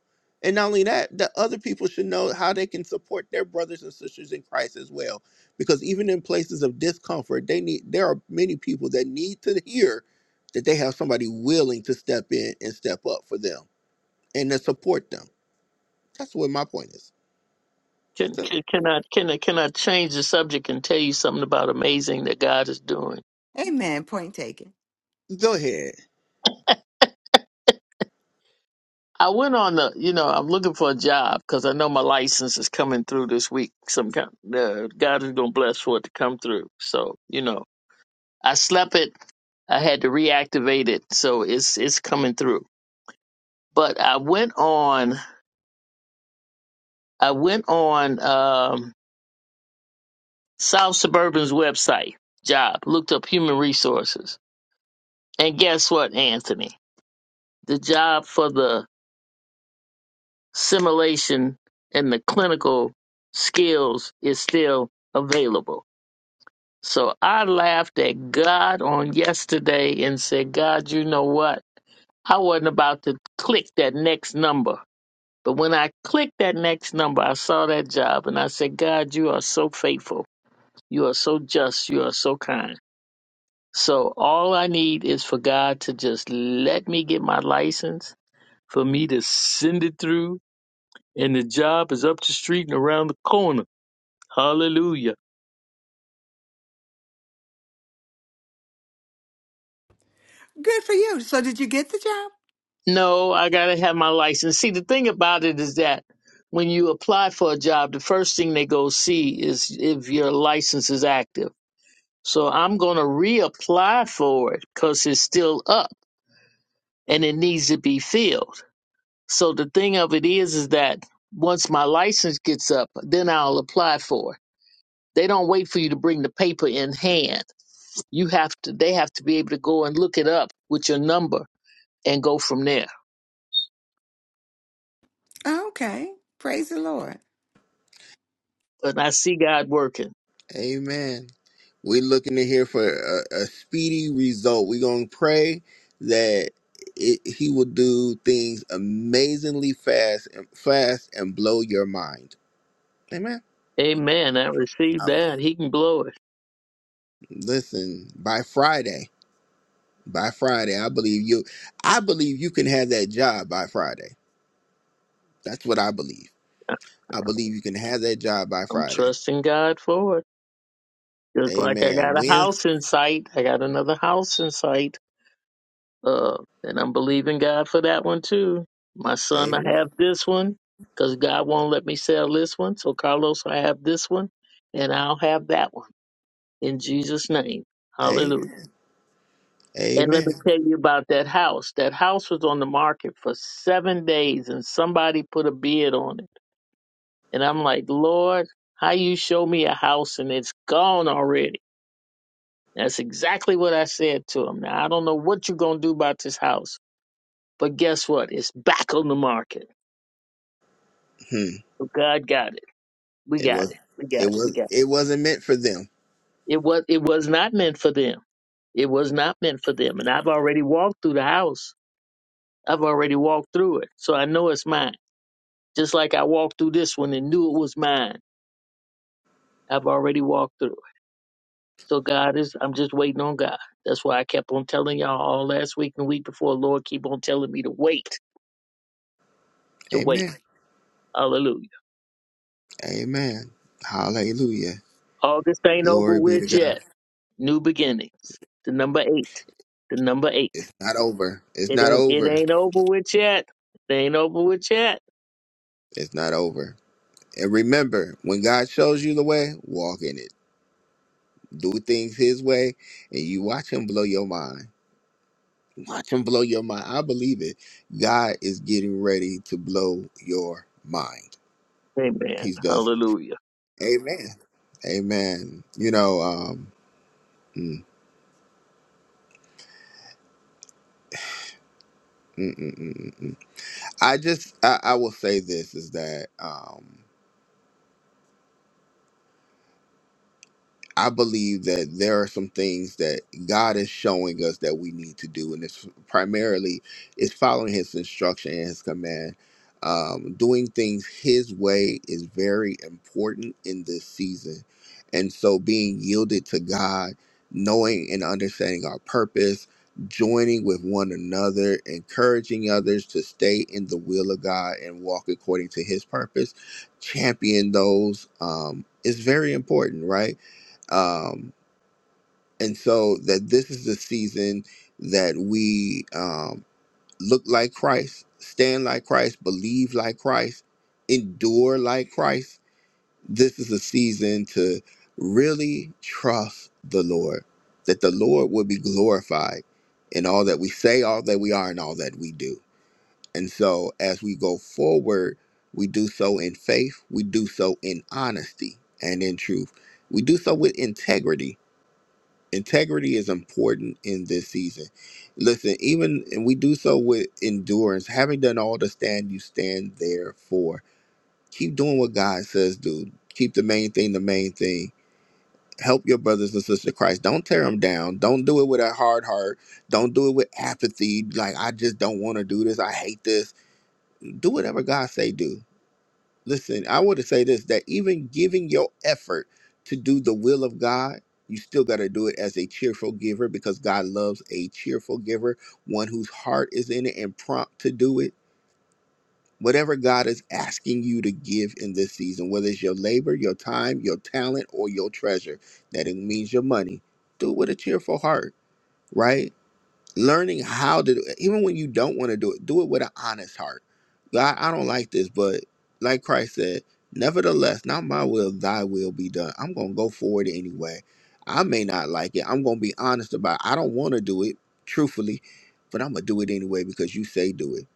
[SPEAKER 1] And not only that, that other people should know how they can support their brothers and sisters in Christ as well. Because even in places of discomfort, they need there are many people that need to hear that they have somebody willing to step in and step up for them and to support them. That's what my point is.
[SPEAKER 4] Can,
[SPEAKER 1] That's it.
[SPEAKER 4] can, can I can I can I change the subject and tell you something about amazing that God is doing?
[SPEAKER 6] Amen. Point taken.
[SPEAKER 1] Go ahead.
[SPEAKER 4] I went on the, you know, I'm looking for a job because I know my license is coming through this week. Some kind, uh, God is gonna bless for it to come through. So, you know, I slept it. I had to reactivate it, so it's it's coming through. But I went on, I went on um, South Suburban's website, job, looked up human resources, and guess what, Anthony? The job for the simulation and the clinical skills is still available. So I laughed at God on yesterday and said, God, you know what? I wasn't about to click that next number. But when I clicked that next number, I saw that job and I said, God, you are so faithful. You are so just. You are so kind. So all I need is for God to just let me get my license, for me to send it through, and the job is up the street and around the corner. Hallelujah.
[SPEAKER 6] Good for you. So did you get the job?
[SPEAKER 4] No, I gotta have my license. See, the thing about it is that when you apply for a job, the first thing they go see is if your license is active. So I'm gonna reapply for it because it's still up and it needs to be filled. So the thing of it is, is that once my license gets up, then I'll apply for it. They don't wait for you to bring the paper in hand. You have to. They have to be able to go and look it up with your number and go from there.
[SPEAKER 6] Okay. Praise the Lord.
[SPEAKER 4] And I see God working.
[SPEAKER 1] Amen. We're looking to hear for a, a speedy result. We're going to pray that it, he will do things amazingly fast and fast and blow your mind. Amen.
[SPEAKER 4] Amen. I received
[SPEAKER 1] Um,
[SPEAKER 4] that. He can blow it.
[SPEAKER 1] Listen, by Friday, by Friday, I believe you I believe you can have that job by Friday. That's what I believe. I believe you can have that job by
[SPEAKER 4] I'm
[SPEAKER 1] Friday.
[SPEAKER 4] trusting God for it. Just like I
[SPEAKER 1] Amen.
[SPEAKER 4] got a
[SPEAKER 1] Wednesday.
[SPEAKER 4] house in sight, I got another house in sight. Uh, and I'm believing God for that one too. My son, I
[SPEAKER 1] Amen.
[SPEAKER 4] have this one because God won't let me sell this one. So, Carlos, I have this one and I'll have that one in Jesus' name. Hallelujah.
[SPEAKER 1] Amen.
[SPEAKER 4] And let me
[SPEAKER 1] Amen.
[SPEAKER 4] tell you about that house. That house was on the market for seven days and somebody put a bid on it And I'm like, Lord, how you show me a house and it's gone already? That's exactly what I said to him. Now, I don't know what you're going to do about this house, but guess what? It's back on the market.
[SPEAKER 1] Hmm.
[SPEAKER 4] So God got it. We
[SPEAKER 1] It
[SPEAKER 4] got
[SPEAKER 1] was
[SPEAKER 4] it. We got
[SPEAKER 1] it
[SPEAKER 4] it. We
[SPEAKER 1] was
[SPEAKER 4] got
[SPEAKER 1] it wasn't meant for them
[SPEAKER 4] it. It was, it was not meant for them. It was not meant for them. And I've already walked through the house. I've already walked through it. So I know it's mine. Just like I walked through this one and knew it was mine. I've already walked through. So God is, I'm just waiting on God. That's why I kept on telling y'all all last week and week before. Lord, keep on telling me to wait, to wait.
[SPEAKER 1] Amen.
[SPEAKER 4] Hallelujah.
[SPEAKER 1] Amen. Hallelujah.
[SPEAKER 4] August ain't over
[SPEAKER 1] Glory be
[SPEAKER 4] with
[SPEAKER 1] to God.
[SPEAKER 4] yet. New beginnings. The number eight. The number eight.
[SPEAKER 1] It's not over. It's
[SPEAKER 4] It
[SPEAKER 1] not
[SPEAKER 4] ain't, it
[SPEAKER 1] over.
[SPEAKER 4] ain't over with yet. It ain't over with yet.
[SPEAKER 1] It's not over. And remember, when God shows you the way, walk in it. Do things His way, and you watch Him blow your mind. Watch Him blow your mind. I believe it. God is getting ready to blow your mind.
[SPEAKER 4] Amen.
[SPEAKER 1] He does.
[SPEAKER 4] Hallelujah.
[SPEAKER 1] Amen. Amen. You know, um, mm, mm, mm. I just, I, I will say this is that. um, I believe that there are some things that God is showing us that we need to do, and it's primarily is following His instruction and His command. Um, doing things His way is very important in this season, and so being yielded to God, knowing and understanding our purpose, joining with one another, encouraging others to stay in the will of God and walk according to His purpose, champion those um, is very important, right? um, and so that this is the season that we um, look like Christ, stand like Christ, believe like Christ, endure like Christ. This is a season to really trust the Lord, that the Lord will be glorified in all that we say, all that we are, and all that we do. And so as we go forward, we do so in faith, we do so in honesty and in truth, we do so with integrity integrity is important in this season. Listen, even and we do so with endurance, having done all to stand, you stand there for. Keep doing what God says, do. Keep the main thing the main thing. Help your brothers and sisters in Christ. Don't tear them down. Don't do it with a hard heart. Don't do it with apathy. Like I just don't want to do this. I hate this. Do whatever God say do Listen, I want to say this that even giving your effort to do the will of God, you still got to do it as a cheerful giver because God loves a cheerful giver, one whose heart is in it and prompt to do it. Whatever God is asking you to give in this season, whether it's your labor, your time, your talent, or your treasure, that it means your money, do it with a cheerful heart, right? learning how to do it, even when you don't want to do it, do it with an honest heart. God, I don't like this, but like Christ said, nevertheless, not my will, thy will be done. I'm gonna go forward anyway. I may not like it. I'm gonna be honest about it. I don't want to do it, truthfully, but I'm gonna do it anyway because you say do it.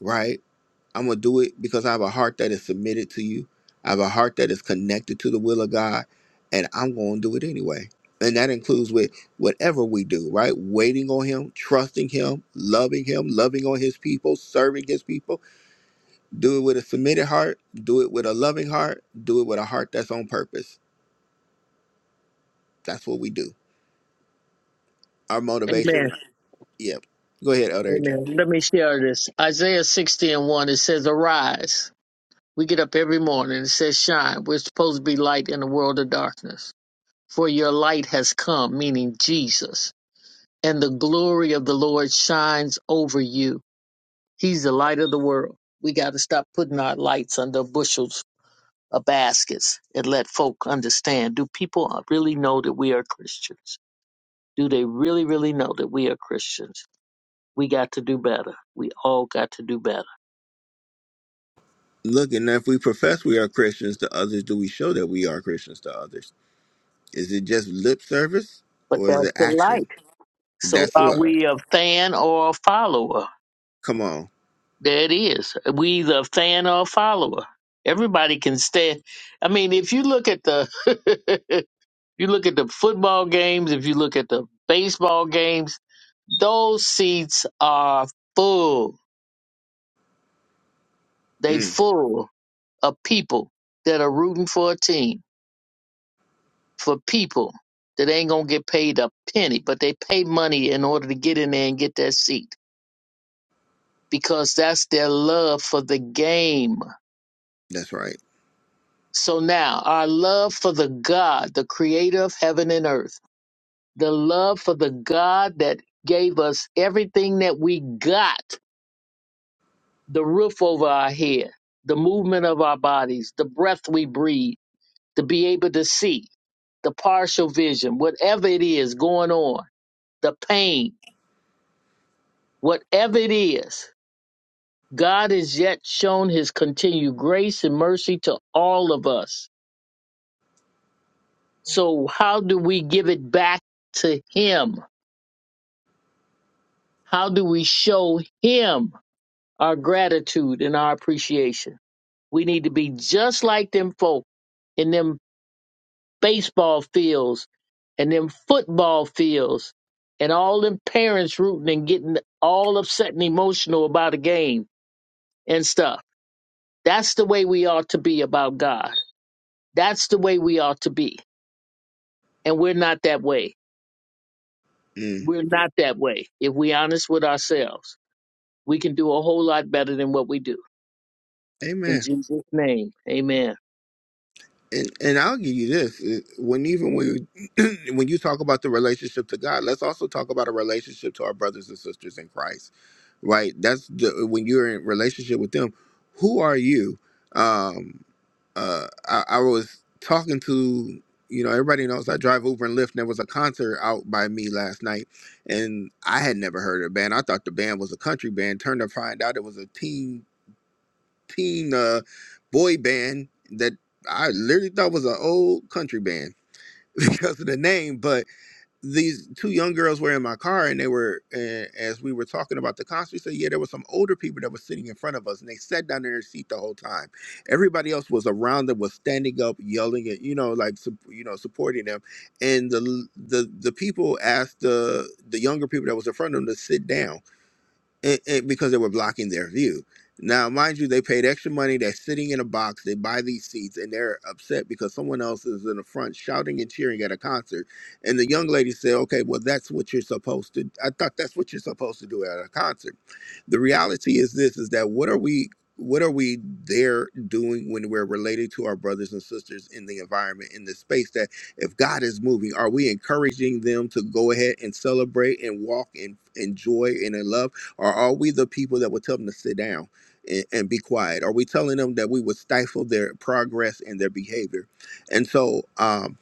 [SPEAKER 1] Right? I'm gonna do it because I have a heart that is submitted to you. I have a heart that is connected to the will of God, and I'm gonna do it anyway. And that includes with whatever we do, right? Waiting on Him, trusting Him, loving Him, loving on His people, serving His people. Do it with a submitted heart. Do it with a loving heart. Do it with a heart that's on purpose. That's what we do. Our motivation.
[SPEAKER 4] Amen.
[SPEAKER 1] Yep. Go ahead, Elder Adrian.
[SPEAKER 4] Amen. Let me share this. Isaiah 60 and 1, it says, Arise. We get up every morning. It says, Shine. We're supposed to be light in a world of darkness. For your light has come, meaning Jesus, and the glory of the Lord shines over you. He's the light of the world. We got to stop putting our lights under bushels of baskets and let folk understand. Do people really know that we are Christians? Do they really, really know that we are Christians? We got to do better. We all got to do better.
[SPEAKER 1] Look, and if we profess we are Christians to others, do we show that we are Christians to others? Is it just lip service
[SPEAKER 4] But
[SPEAKER 1] or is
[SPEAKER 4] that's
[SPEAKER 1] it
[SPEAKER 4] the
[SPEAKER 1] actual?
[SPEAKER 4] light. So
[SPEAKER 1] That's
[SPEAKER 4] are
[SPEAKER 1] what.
[SPEAKER 4] we a fan or a follower?
[SPEAKER 1] Come on.
[SPEAKER 4] There it is. We either a fan or a follower. Everybody can stand. I mean, if you look at the, [laughs] you look at the football games. If you look at the baseball games, those seats are full. They
[SPEAKER 1] Mm,
[SPEAKER 4] full of people that are rooting for a team, for people that ain't gonna get paid a penny, but they pay money in order to get in there and get that seat because that's their love for the game
[SPEAKER 1] that's right.
[SPEAKER 4] So now, our love for the God, the creator of heaven and earth, the love for the God that gave us everything that we got the roof over our head, the movement of our bodies, the breath we breathe, to be able to see, the partial vision, whatever it is going on, the pain, whatever it is. God has yet shown his continued grace and mercy to all of us. So, how do we give it back to him? How do we show him our gratitude and our appreciation? We need to be just like them folk in them baseball fields and them football fields and all them parents rooting and getting all upset and emotional about a game and stuff. That's the way we ought to be about God. That's the way we ought to be. And we're not that way.
[SPEAKER 1] Mm,
[SPEAKER 4] We're not that way. If we honest with ourselves, we can do a whole lot better than what we do. In
[SPEAKER 1] amen.
[SPEAKER 4] Jesus' name, amen.
[SPEAKER 1] And and I'll give you this. it- When even when you, [clears throat] when you talk about the relationship to God, let's also talk about a relationship to our brothers and sisters in Christ. Right. That's the when you're in relationship with them. Who are you? um, uh, I, I was talking to you know everybody knows I drive Uber and Lyft, and there was a concert out by me last night, and I had never heard of the band. I thought the band was a country band. Turned to find out it was a teen teen uh, boy band that I literally thought was an old country band [laughs] because of the name, but these two young girls were in my car and they were and as we were talking about the concert we said yeah there were some older people that were sitting in front of us and they sat down in their seat the whole time everybody else was around them was standing up yelling at you know like sup- you know supporting them and the the the people asked the the younger people that was in front of them to sit down it, it, because they were blocking their view. Now, mind you, they paid extra money. They're sitting in a box. They buy these seats, and they're upset because someone else is in the front shouting and cheering at a concert. And the young lady said, "Okay, well, that's what you're supposed to. I thought that's what you're supposed to do at a concert." The reality is this: is that what are we? What are we there doing when we're related to our brothers and sisters in the environment, in the space that if God is moving, are we encouraging them to go ahead and celebrate and walk in, in joy and in love? Or are we the people that would tell them to sit down and, and be quiet? Are we telling them that we would stifle their progress and their behavior? And so, um,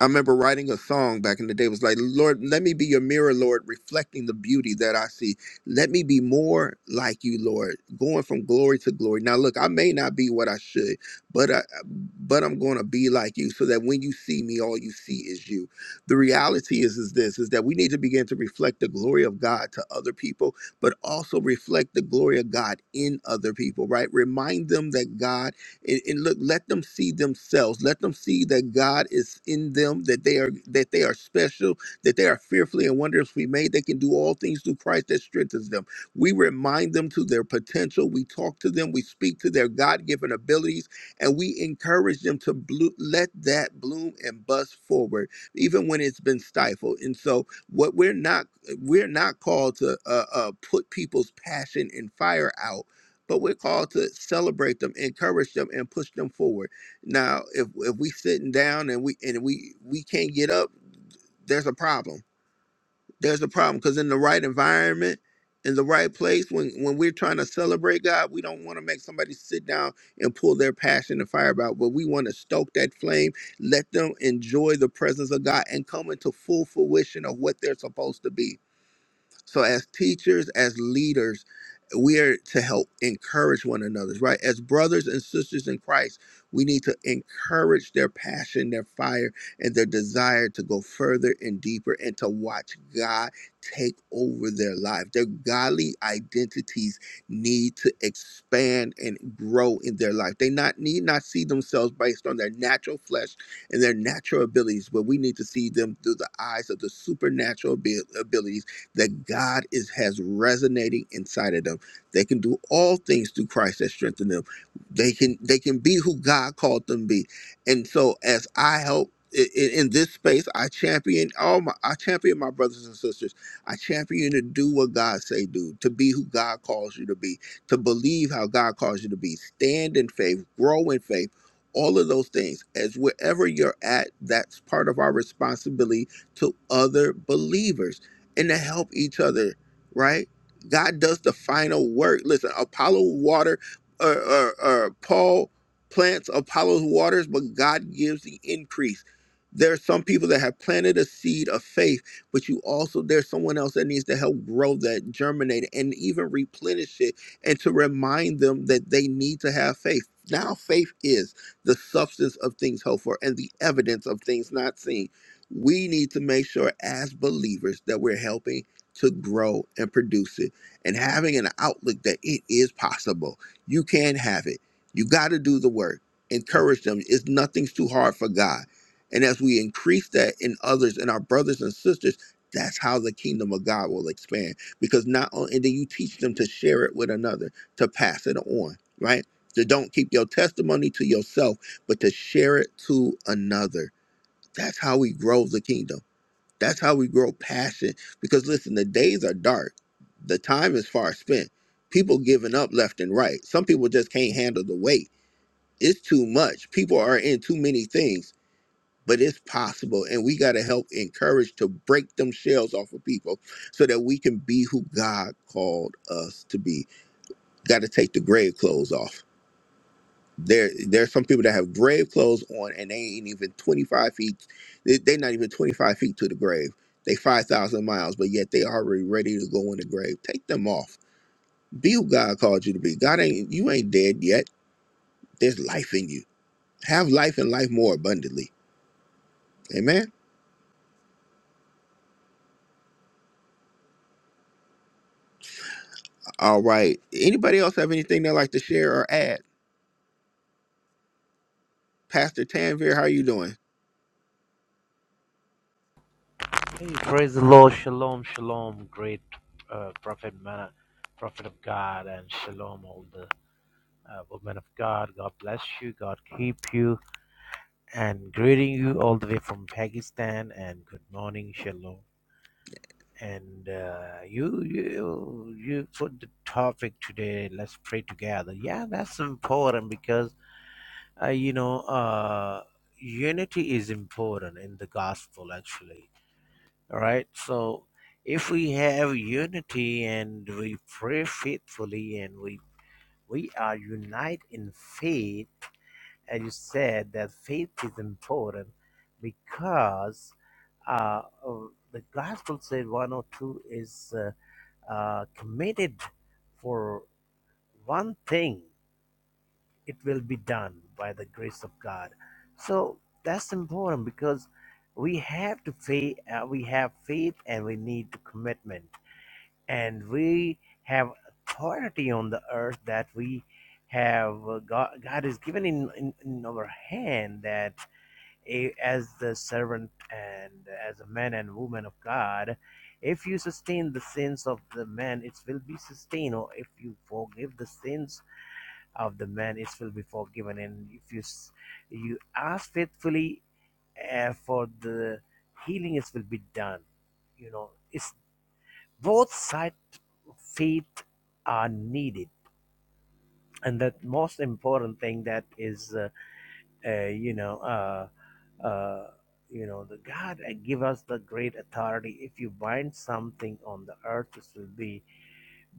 [SPEAKER 1] I remember writing a song back in the day. It was like, Lord, let me be your mirror, Lord, reflecting the beauty that I see. Let me be more like you, Lord, going from glory to glory. Now, look, I may not be what I should, but I, but I'm going to be like you, so that when you see me, all you see is you. The reality is, is this: is that we need to begin to reflect the glory of God to other people, but also reflect the glory of God in other people. Right? Remind them that God and, and look let them see themselves let them see that god is in them that they are that they are special that they are fearfully and wonderfully made they can do all things through christ that strengthens them we remind them to their potential we talk to them we speak to their god-given abilities and we encourage them to blo- let that bloom and bust forward even when it's been stifled and so what we're not we're not called to uh, uh, put people's passion and fire out but we're called to celebrate them, encourage them, and push them forward. Now, if if we sitting down and we and we we can't get up, there's a problem. There's a problem because in the right environment, in the right place, when when we're trying to celebrate God, we don't want to make somebody sit down and pull their passion and fire out, but we want to stoke that flame, let them enjoy the presence of God, and come into full fruition of what they're supposed to be so as teachers, as leaders, we are to help encourage one another, right? As brothers and sisters in Christ, we need to encourage their passion, their fire, and their desire to go further and deeper and to watch God take over their life. Their godly identities need to expand and grow in their life. They not need not see themselves based on their natural flesh and their natural abilities, but we need to see them through the eyes of the supernatural abi- abilities that God is has resonating inside of them. They can do all things through Christ that strengthen them. They can they can be who God called them to be. And so as I help i- i- in this space, I champion all my I champion my brothers and sisters. I champion you to do what God say do, to be who God calls you to be, to believe how God calls you to be, stand in faith, grow in faith, all of those things. As wherever you're at, that's part of our responsibility to other believers and to help each other, right? God does the final work. Listen, Apollo water or, or, or Paul plants Apollo's waters, but God gives the increase. There are some people that have planted a seed of faith, but you also there's someone else that needs to help grow that, germinate, it, and even replenish it, and to remind them that they need to have faith. Now, faith is the substance of things hoped for and the evidence of things not seen we need to make sure as believers that we're helping to grow and produce it and having an outlook that it is possible. You can have it. You got to do the work. Encourage them. It's nothing's too hard for God. And as we increase that in others and our brothers and sisters, that's how the kingdom of God will expand. Because not only, and then you teach them to share it with another, to pass it on, right? To don't keep your testimony to yourself, but to share it to another that's how we grow the kingdom. That's how we grow passion. Because listen, the days are dark. The time is far spent. People giving up left and right. Some people just can't handle the weight. It's too much. People are in too many things, but it's possible. And we got to help encourage to break them shells off of people so that we can be who God called us to be. Got to take the grave clothes off there, there's some people that have grave clothes on, and they ain't even 25 feet. They, they not even 25 feet to the grave. They 5,000 miles, but yet they already ready to go in the grave. Take them off. Be who God called you to be. God ain't you ain't dead yet. There's life in you. Have life and life more abundantly. Amen. All right. Anybody else have anything they like to share or add? Pastor Tanvir, how are you doing?
[SPEAKER 7] Hey, praise the Lord. Shalom, shalom, great uh, prophet, man, prophet of God, and shalom, all the uh, women of God. God bless you. God keep you. And greeting you all the way from Pakistan. And good morning, shalom. And uh, you, you, you put the topic today. Let's pray together. Yeah, that's important because uh, you know uh, unity is important in the gospel, actually All right. So if we have unity and we pray faithfully and we we are united in faith, as you said that faith is important because uh, uh, the gospel said 102 is uh, uh, committed for one thing. It will be done by the grace of God. So that's important because we have to faith. Uh, we have faith and we need commitment and we have authority on the earth that we have uh, God, God is given in, in, in our hand that a, as the servant and as a man and woman of God, if you sustain the sins of the man, it will be sustained, or if you forgive the sins of the man, it will be forgiven. And if you you ask faithfully uh, for the healing, it will be done. You know, it's both sides faith are needed and the most important thing that is uh, uh, you know uh, uh, you know the god uh, give us the great authority if you bind something on the earth it will be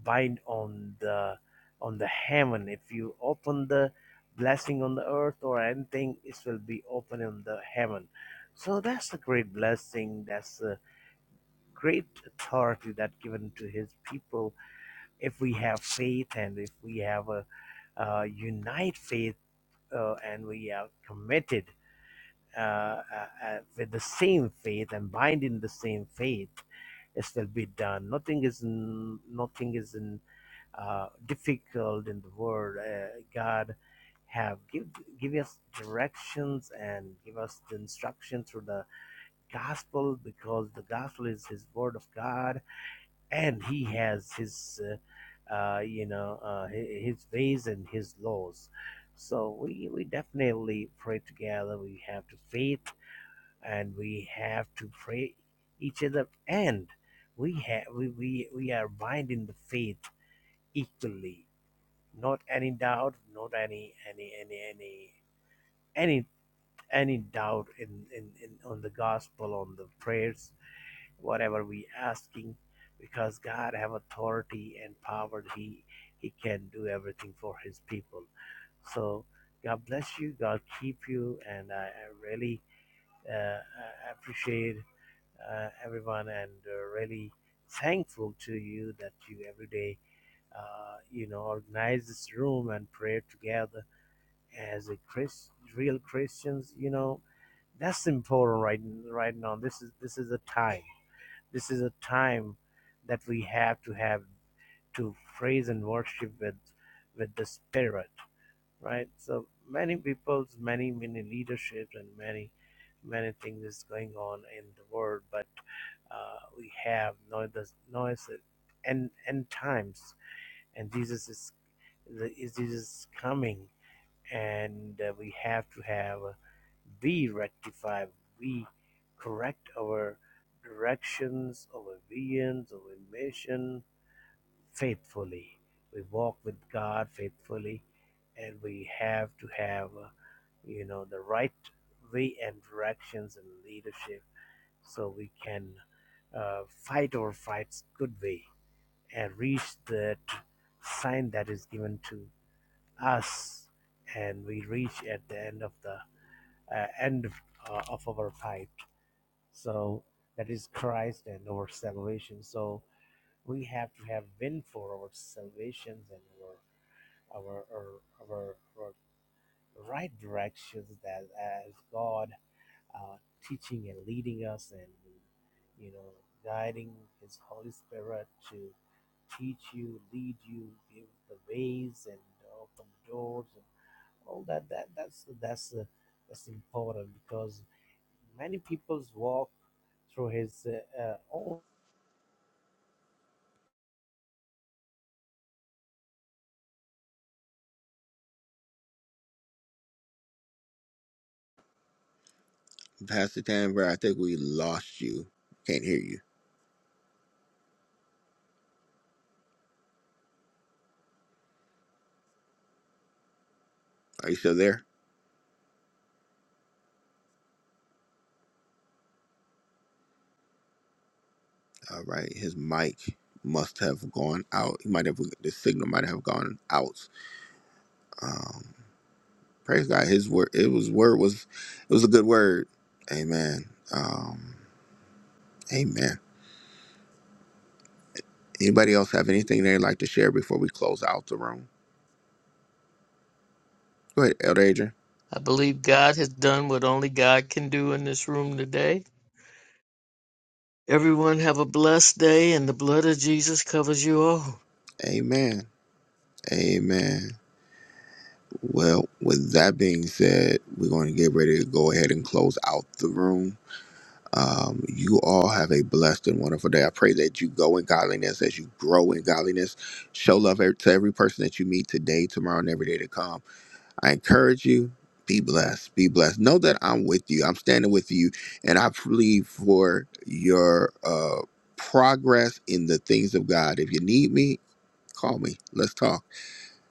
[SPEAKER 7] bind on the on the heaven if you open the blessing on the earth or anything it will be open in the heaven so that's a great blessing that's a great authority that given to his people if we have faith and if we have a uh, unite faith uh, and we are committed uh, uh, uh, with the same faith and bind in the same faith it will be done nothing is n- nothing is in, uh, difficult in the world uh, god have give give us directions and give us the instruction through the gospel because the gospel is his word of god and he has his uh, uh, you know uh, his ways and his laws so we, we definitely pray together we have to faith and we have to pray each other and we have we, we, we are bind in the faith equally not any doubt not any any any any any any doubt in, in, in on the gospel on the prayers whatever we asking because God have authority and power. He he can do everything for his people. So God bless you. God keep you. And I, I really uh, appreciate uh, everyone and uh, really thankful to you that you every day, uh, you know, organize this room and pray together as a Chris, real Christians. You know, that's important right right now. This is this is a time. This is a time that we have to have to praise and worship with with the spirit, right? So many people's many many leaderships and many many things is going on in the world, but uh, we have noise noise and and times, and Jesus is the- is Jesus is coming and uh, we have to have uh, we rectify we correct our directions our visions our mission faithfully we walk with god faithfully and we have to have uh, you know the right way and directions and leadership so we can uh, fight our fights good way and reach that sign that is given to us, and we reach at the end of the uh, end uh, of our pipe. So that is Christ and our salvation. So we have to have win for our salvations and our our our, our, our right directions that as God uh, teaching and leading us and you know guiding His Holy Spirit to teach you, lead you, give the ways and open doors and. Well, that that that's that's uh, that's important because many people's walk through his uh, uh, own.
[SPEAKER 1] Pastor Tanvir, I think we lost you. Can't hear you. Are you still there? All right, his mic must have gone out. He might have the signal might have gone out. Praise God. His word, it was word was, it was a good word. Amen. Um, amen. Anybody else have anything they'd like to share before we close out the room? Go ahead, Elder Adrian.
[SPEAKER 4] I believe God has done what only God can do in this room today. Everyone have a blessed day, and the blood of Jesus covers you all.
[SPEAKER 1] Amen. Amen. Well, with that being said, we're going to get ready to go ahead and close out the room. Um, you all have a blessed and wonderful day. I pray that you go in godliness as you grow in godliness. Show love ev- to every person that you meet today, tomorrow, and every day to come. I encourage you. Be blessed. Be blessed. Know that I'm with you. I'm standing with you, and I plead for your uh, progress in the things of God. If you need me, call me. Let's talk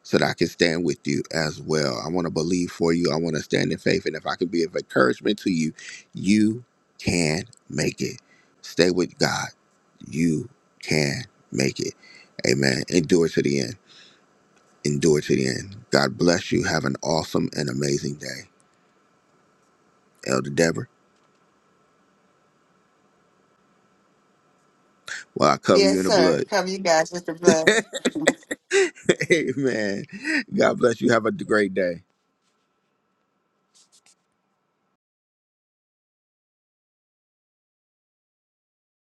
[SPEAKER 1] so that I can stand with you as well. I want to believe for you. I want to stand in faith. And if I can be of encouragement to you, you can make it. Stay with God. You can make it. Amen. Endure to the end. Endure to the end. God bless you. Have an awesome and amazing day. Elder Deborah, well, I cover you
[SPEAKER 6] Yes,
[SPEAKER 1] in the
[SPEAKER 6] sir.
[SPEAKER 1] blood.
[SPEAKER 6] Cover you guys with the blood.
[SPEAKER 1] [laughs] Amen. God bless you. Have a great day.